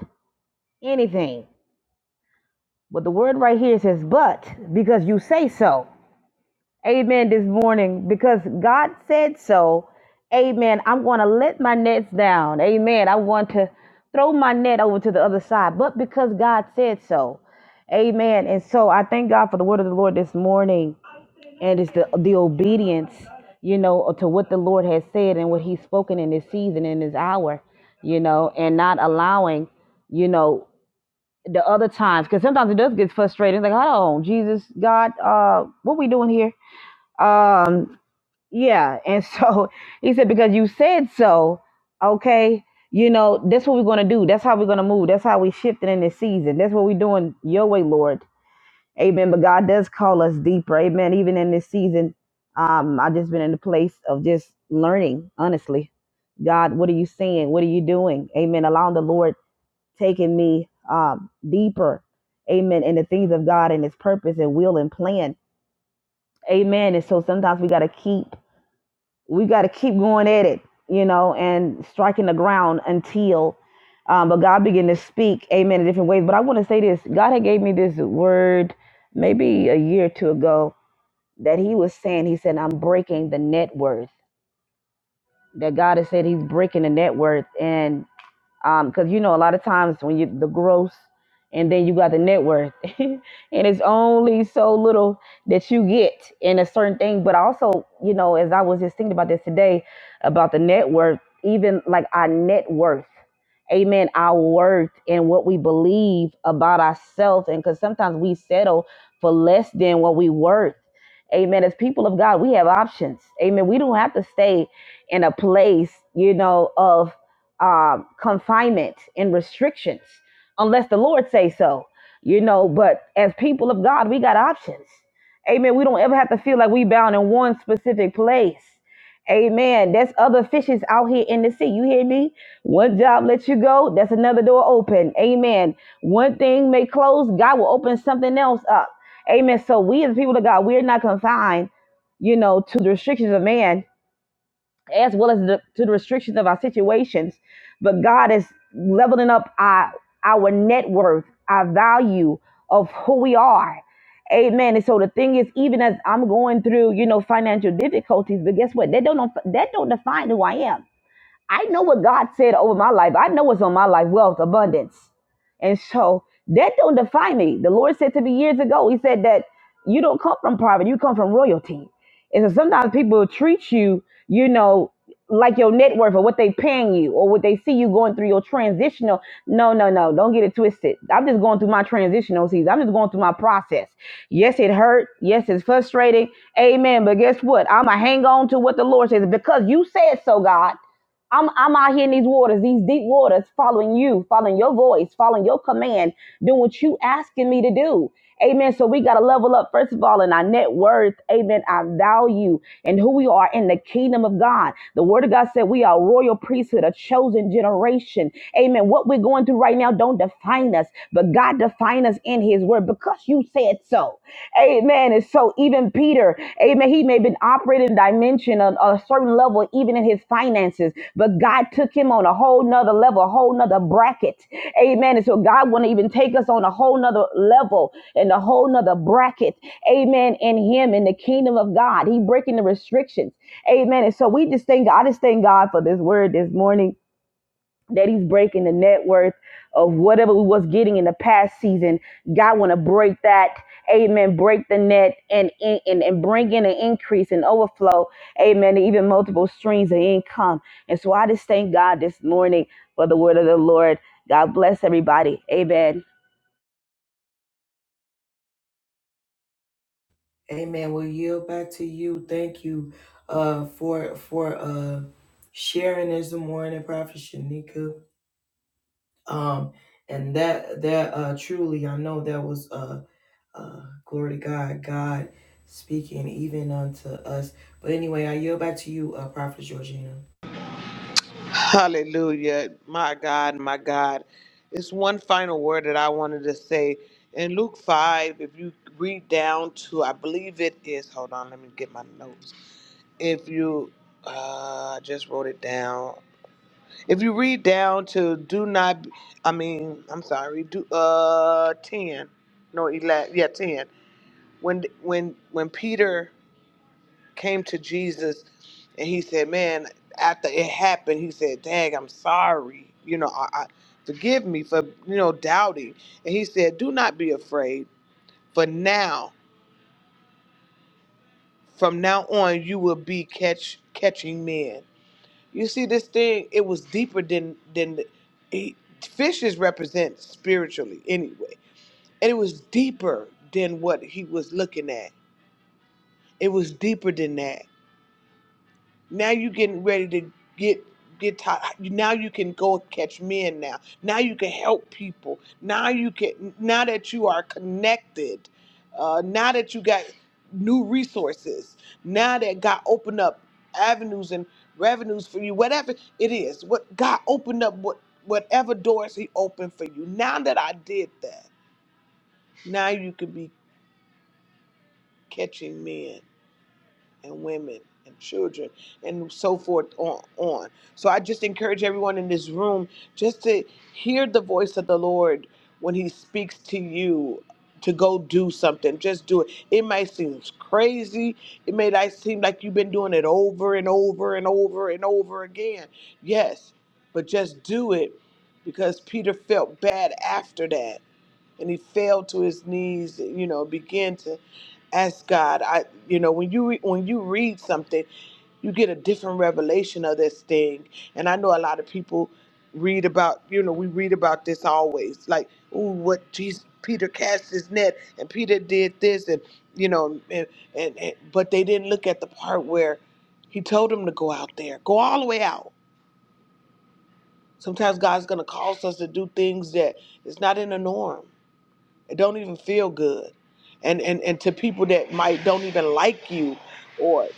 Speaker 6: anything. But the word right here says, But because you say so. Amen. This morning, because God said so. Amen. I'm going to let my nets down. Amen. I want to throw my net over to the other side, but because God said so. Amen. And so I thank God for the word of the Lord this morning. And it's the, the obedience, you know, to what the Lord has said and what he's spoken in this season, in this hour, you know, and not allowing, you know, the other times, because sometimes it does get frustrating. Like, hold on, Jesus, God, uh, what we doing here? Um, yeah. And so [laughs] he said, because you said so, okay, you know, that's what we're going to do. That's how we're going to move. That's how we shifted in this season. That's what we're doing your way, Lord. Amen. But God does call us deeper. Amen. Even in this season, um, I've just been in the place of just learning, honestly. God, what are you saying? What are you doing? Amen. Allowing the Lord taking me um, deeper. Amen. In the things of God and his purpose and will and plan. Amen. And so sometimes we got to keep we got to keep going at it, you know, and striking the ground until. Um, but God began to speak, Amen, in different ways. But I want to say this: God had gave me this word maybe a year or two ago that He was saying. He said, "I'm breaking the net worth." That God has said He's breaking the net worth, because you know a lot of times when you the gross and then you got the net worth [laughs] and it's only so little that you get in a certain thing but also you know as i was just thinking about this today about the net worth even like our net worth amen our worth and what we believe about ourselves and because sometimes we settle for less than what we worth amen as people of god we have options amen we don't have to stay in a place you know of uh, confinement and restrictions unless the Lord say so, you know. But as people of God, we got options. Amen. We don't ever have to feel like we bound in one specific place. Amen. There's other fishes out here in the sea. You hear me? One job lets you go, that's another door open. Amen. One thing may close, God will open something else up. Amen. So we as people of God, we're not confined, you know, to the restrictions of man as well as the, to the restrictions of our situations. But God is leveling up our our net worth, our value of who we are. Amen. And so the thing is, even as I'm going through, you know, financial difficulties, but guess what? That don't that don't define who I am. I know what God said over my life. I know what's on my life wealth, abundance. And so that don't define me. The Lord said to me years ago, He said that you don't come from poverty, you come from royalty. And so sometimes people treat you, you know, like your net worth or what they paying you or what they see you going through your transitional. No, no, no. Don't get it twisted. I'm just going through my transitional season. I'm just going through my process. Yes, it hurt. Yes, it's frustrating. Amen. But guess what? I'ma hang on to what the Lord says because you said so, God. I'm I'm out here in these waters, these deep waters, following you, following your voice, following your command, doing what you asking me to do. Amen. So we gotta level up first of all in our net worth, amen, our value and who we are in the kingdom of God. The word of God said we are a royal priesthood, a chosen generation. Amen. What we're going through right now don't define define us, but God defined us in his word because you said so. Amen. And so even Peter, amen, he may have been operating in dimension on, on a certain level, even in his finances, but God took him on a whole nother level, a whole nother bracket. Amen. And so God want to even take us on a whole nother level and a whole nother bracket. Amen. In him, in the kingdom of God, he breaking the restrictions. Amen. And so we just thank God, I just thank God for this word this morning that he's breaking the net worth of whatever we was getting in the past season. God want to break that. Amen. Break the net and, and and bring in an increase and overflow. Amen. And even multiple streams of income. And so I just thank God this morning for the word of the Lord. God bless everybody. Amen.
Speaker 1: Amen. We'll yield back to you. Thank you uh for for uh sharing this morning, Prophet Shanika. Um and that that uh truly I know that was uh uh glory to God, God speaking even unto us. But anyway, I yield back to you, uh Prophet Georgina.
Speaker 5: Hallelujah. My God, my God. It's one final word that I wanted to say. In Luke 5, if you read down to, I believe it is, hold on, let me get my notes. If you, uh, I just wrote it down. If you read down to do not, I mean, I'm sorry, do, uh, 10, no, 11, yeah, 10. When, when, when Peter came to Jesus and he said, Man, after it happened, he said, Dang, I'm sorry. You know, I, I forgive me for, you know, doubting. And he said, Do not be afraid, for now, from now on, you will be catch catching men. You see, this thing, it was deeper than than he, fishes represent spiritually anyway. And it was deeper than what he was looking at. It was deeper than that. Now you are getting ready to get get tired. Now you can go catch men. Now, now you can help people. Now you can. Now that you are connected, uh, now that you got new resources, now that God opened up avenues and revenues for you, whatever it is, what God opened up, what whatever doors He opened for you. Now that I did that, now you can be catching men and women and children and so forth on, on. So I just encourage everyone in this room just to hear the voice of the Lord when he speaks to you to go do something. Just do it. It might seem crazy. It may like seem like you've been doing it over and over and over and over again. Yes, but just do it because Peter felt bad after that and he fell to his knees you know began to ask god i you know when you re- when you read something you get a different revelation of this thing and i know a lot of people read about you know we read about this always like oh what jesus peter cast his net and peter did this and you know and, and, and but they didn't look at the part where he told them to go out there go all the way out sometimes god's gonna cause us to do things that is not in the norm it don't even feel good and and and to people that might don't even like you or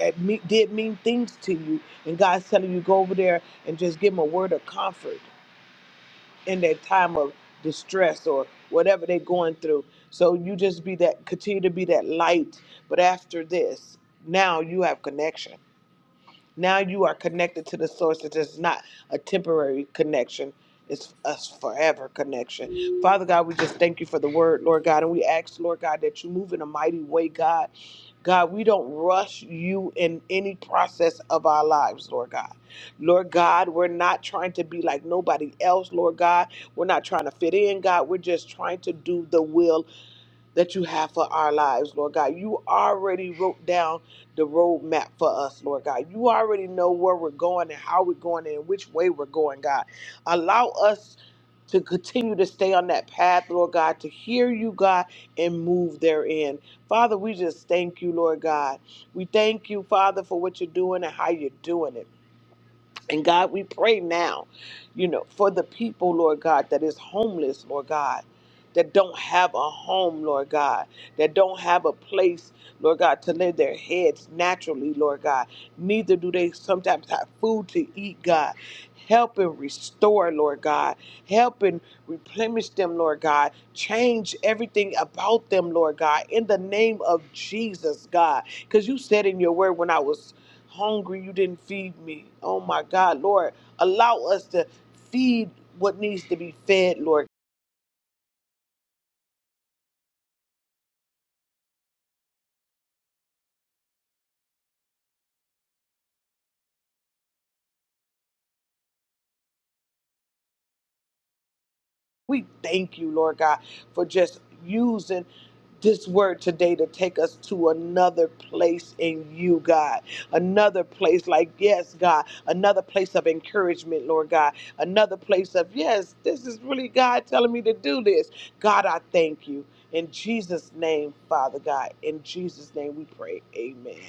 Speaker 5: at me, did mean things to you and god's telling you go over there and just give them a word of comfort in that time of distress or whatever they're going through so you just be that continue to be that light but after this now you have connection now you are connected to the source. It is not a temporary connection. It's a forever connection. Father God, we just thank you for the word, Lord God. And we ask, Lord God, that you move in a mighty way, God. God, we don't rush you in any process of our lives, Lord God. Lord God, we're not trying to be like nobody else, Lord God. We're not trying to fit in, God. We're just trying to do the will that you have for our lives, Lord God. You already wrote down the roadmap for us, Lord God. You already know where we're going and how we're going and which way we're going, God. Allow us to continue to stay on that path, Lord God, to hear you, God, and move therein. Father, we just thank you, Lord God. We thank you, Father, for what you're doing and how you're doing it. And God, we pray now, you know, for the people, Lord God, that is homeless, Lord God, that don't have a home, Lord God, that don't have a place, Lord God, to lay their heads naturally, Lord God. Neither do they sometimes have food to eat, God. Help and restore, Lord God. Help and replenish them, Lord God. Change everything about them, Lord God, in the name of Jesus, God. Because you said in your word when I was hungry, you didn't feed me. Oh my God, Lord, allow us to feed what needs to be fed, Lord. We thank you, Lord God, for just using this word today to take us to another place in you, God. Another place, like, yes, God, another place of encouragement, Lord God. Another place of, yes, this is really God telling me to do this. God, I thank you. In Jesus' name, Father God, in Jesus' name we pray. Amen.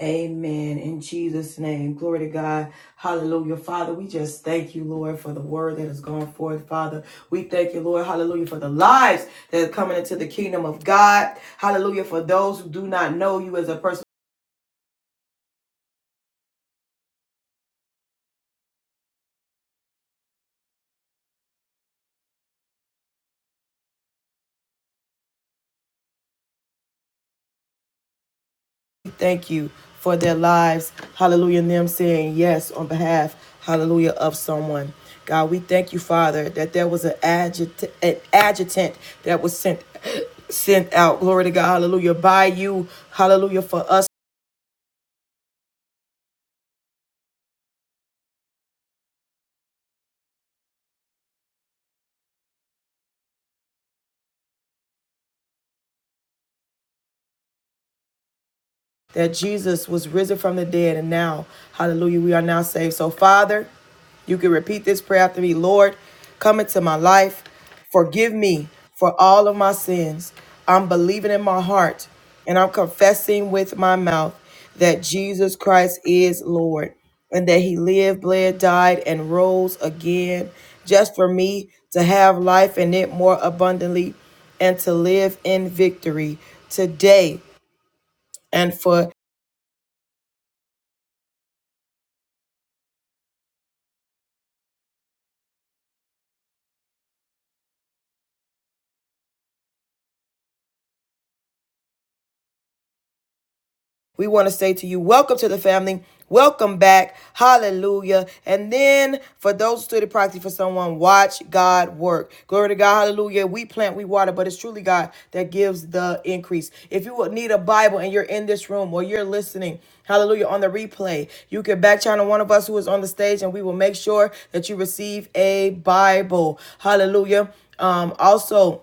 Speaker 1: Amen. In Jesus' name. Glory to God. Hallelujah. Father, we just thank you, Lord, for the word that has gone forth. Father, we thank you, Lord. Hallelujah. For the lives that are coming into the kingdom of God. Hallelujah. For those who do not know you as a person, we thank you for their lives. Hallelujah. And them saying yes on behalf, hallelujah, of someone. God, we thank you, Father, that there was an adjutant, an adjutant that was sent sent out. Glory to God. Hallelujah. By you. Hallelujah. For us. that Jesus was risen from the dead, and now, hallelujah, we are now saved. So, Father, you can repeat this prayer after me Lord, come into my life, forgive me for all of my sins. I'm believing in my heart and I'm confessing with my mouth that Jesus Christ is Lord and that he lived, bled, died, and rose again just for me to have life in it more abundantly and to live in victory today and We want to say to you, welcome to the family. Welcome back. Hallelujah. And then for those who stood in proxy for someone, watch God work. Glory to God. Hallelujah. We plant, we water, but it's truly God that gives the increase. If you would need a Bible and you're in this room or you're listening, hallelujah, on the replay, you can back channel one of us who is on the stage and we will make sure that you receive a Bible. Hallelujah. Um, also,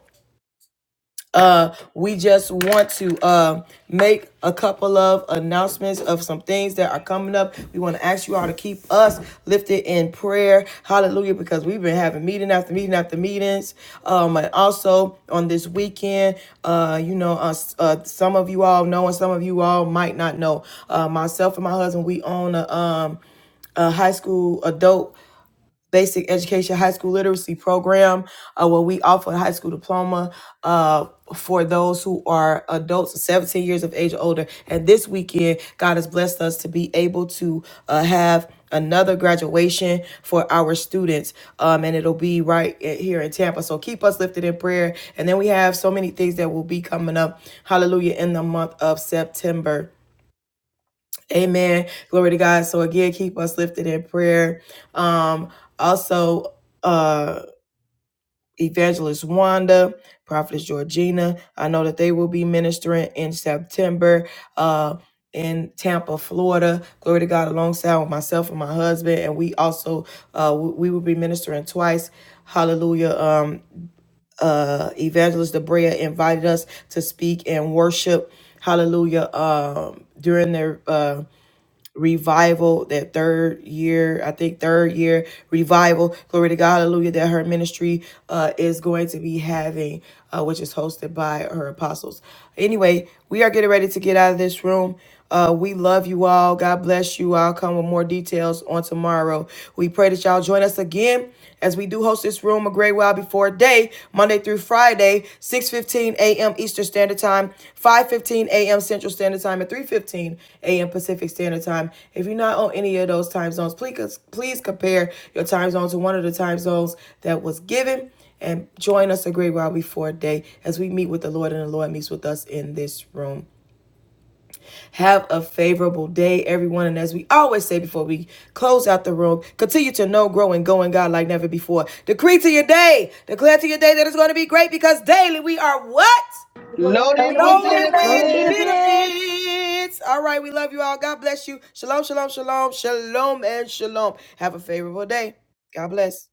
Speaker 1: we just want to uh, make a couple of announcements of some things that are coming up. We want to ask you all to keep us lifted in prayer. Hallelujah, because we've been having meeting after meeting after meetings. Um, and also on this weekend, uh, you know, uh, uh, some of you all know and some of you all might not know. Uh, myself and my husband, we own a, um, a high school adult basic education high school literacy program uh, where we offer a high school diploma uh, for those who are adults 17 years of age or older and this weekend god has blessed us to be able to uh, have another graduation for our students um, and it'll be right i- here in tampa so keep us lifted in prayer and then we have so many things that will be coming up hallelujah in the month of september Amen. Glory to God. So again, keep us lifted in prayer. Um, also, uh, Evangelist Wanda, Prophetess Georgina. I know that they will be ministering in September. Uh in Tampa, Florida, glory to God, alongside with myself and my husband, and we also uh, w- we will be ministering twice. Hallelujah! Um, uh, Evangelist Debrea invited us to speak and worship. Hallelujah! Um, during their uh, revival that third year i think third year revival glory to god hallelujah that her ministry uh, is going to be having uh, which is hosted by her apostles anyway we are getting ready to get out of this room uh, we love you all god bless you i'll come with more details on tomorrow we pray that y'all join us again as we do host this room a great while before day, Monday through Friday, 6.15 a.m. Eastern Standard Time, 5.15 a.m. Central Standard Time, and 3.15 a.m. Pacific Standard Time. If you're not on any of those time zones, please, please compare your time zone to one of the time zones that was given and join us a great while before day as we meet with the Lord and the Lord meets with us in this room. Have a favorable day, everyone. And as we always say before we close out the room, continue to know, grow, and go in God like never before. Decree to your day, declare to your day that it's going to be great because daily we are what?
Speaker 5: Loaded with
Speaker 1: Loaded
Speaker 6: Load
Speaker 1: with
Speaker 6: of
Speaker 5: benefits.
Speaker 6: benefits.
Speaker 1: benefits. All right, we love you all. God bless you. Shalom, shalom, shalom, shalom, and shalom. Have a favorable day. God bless.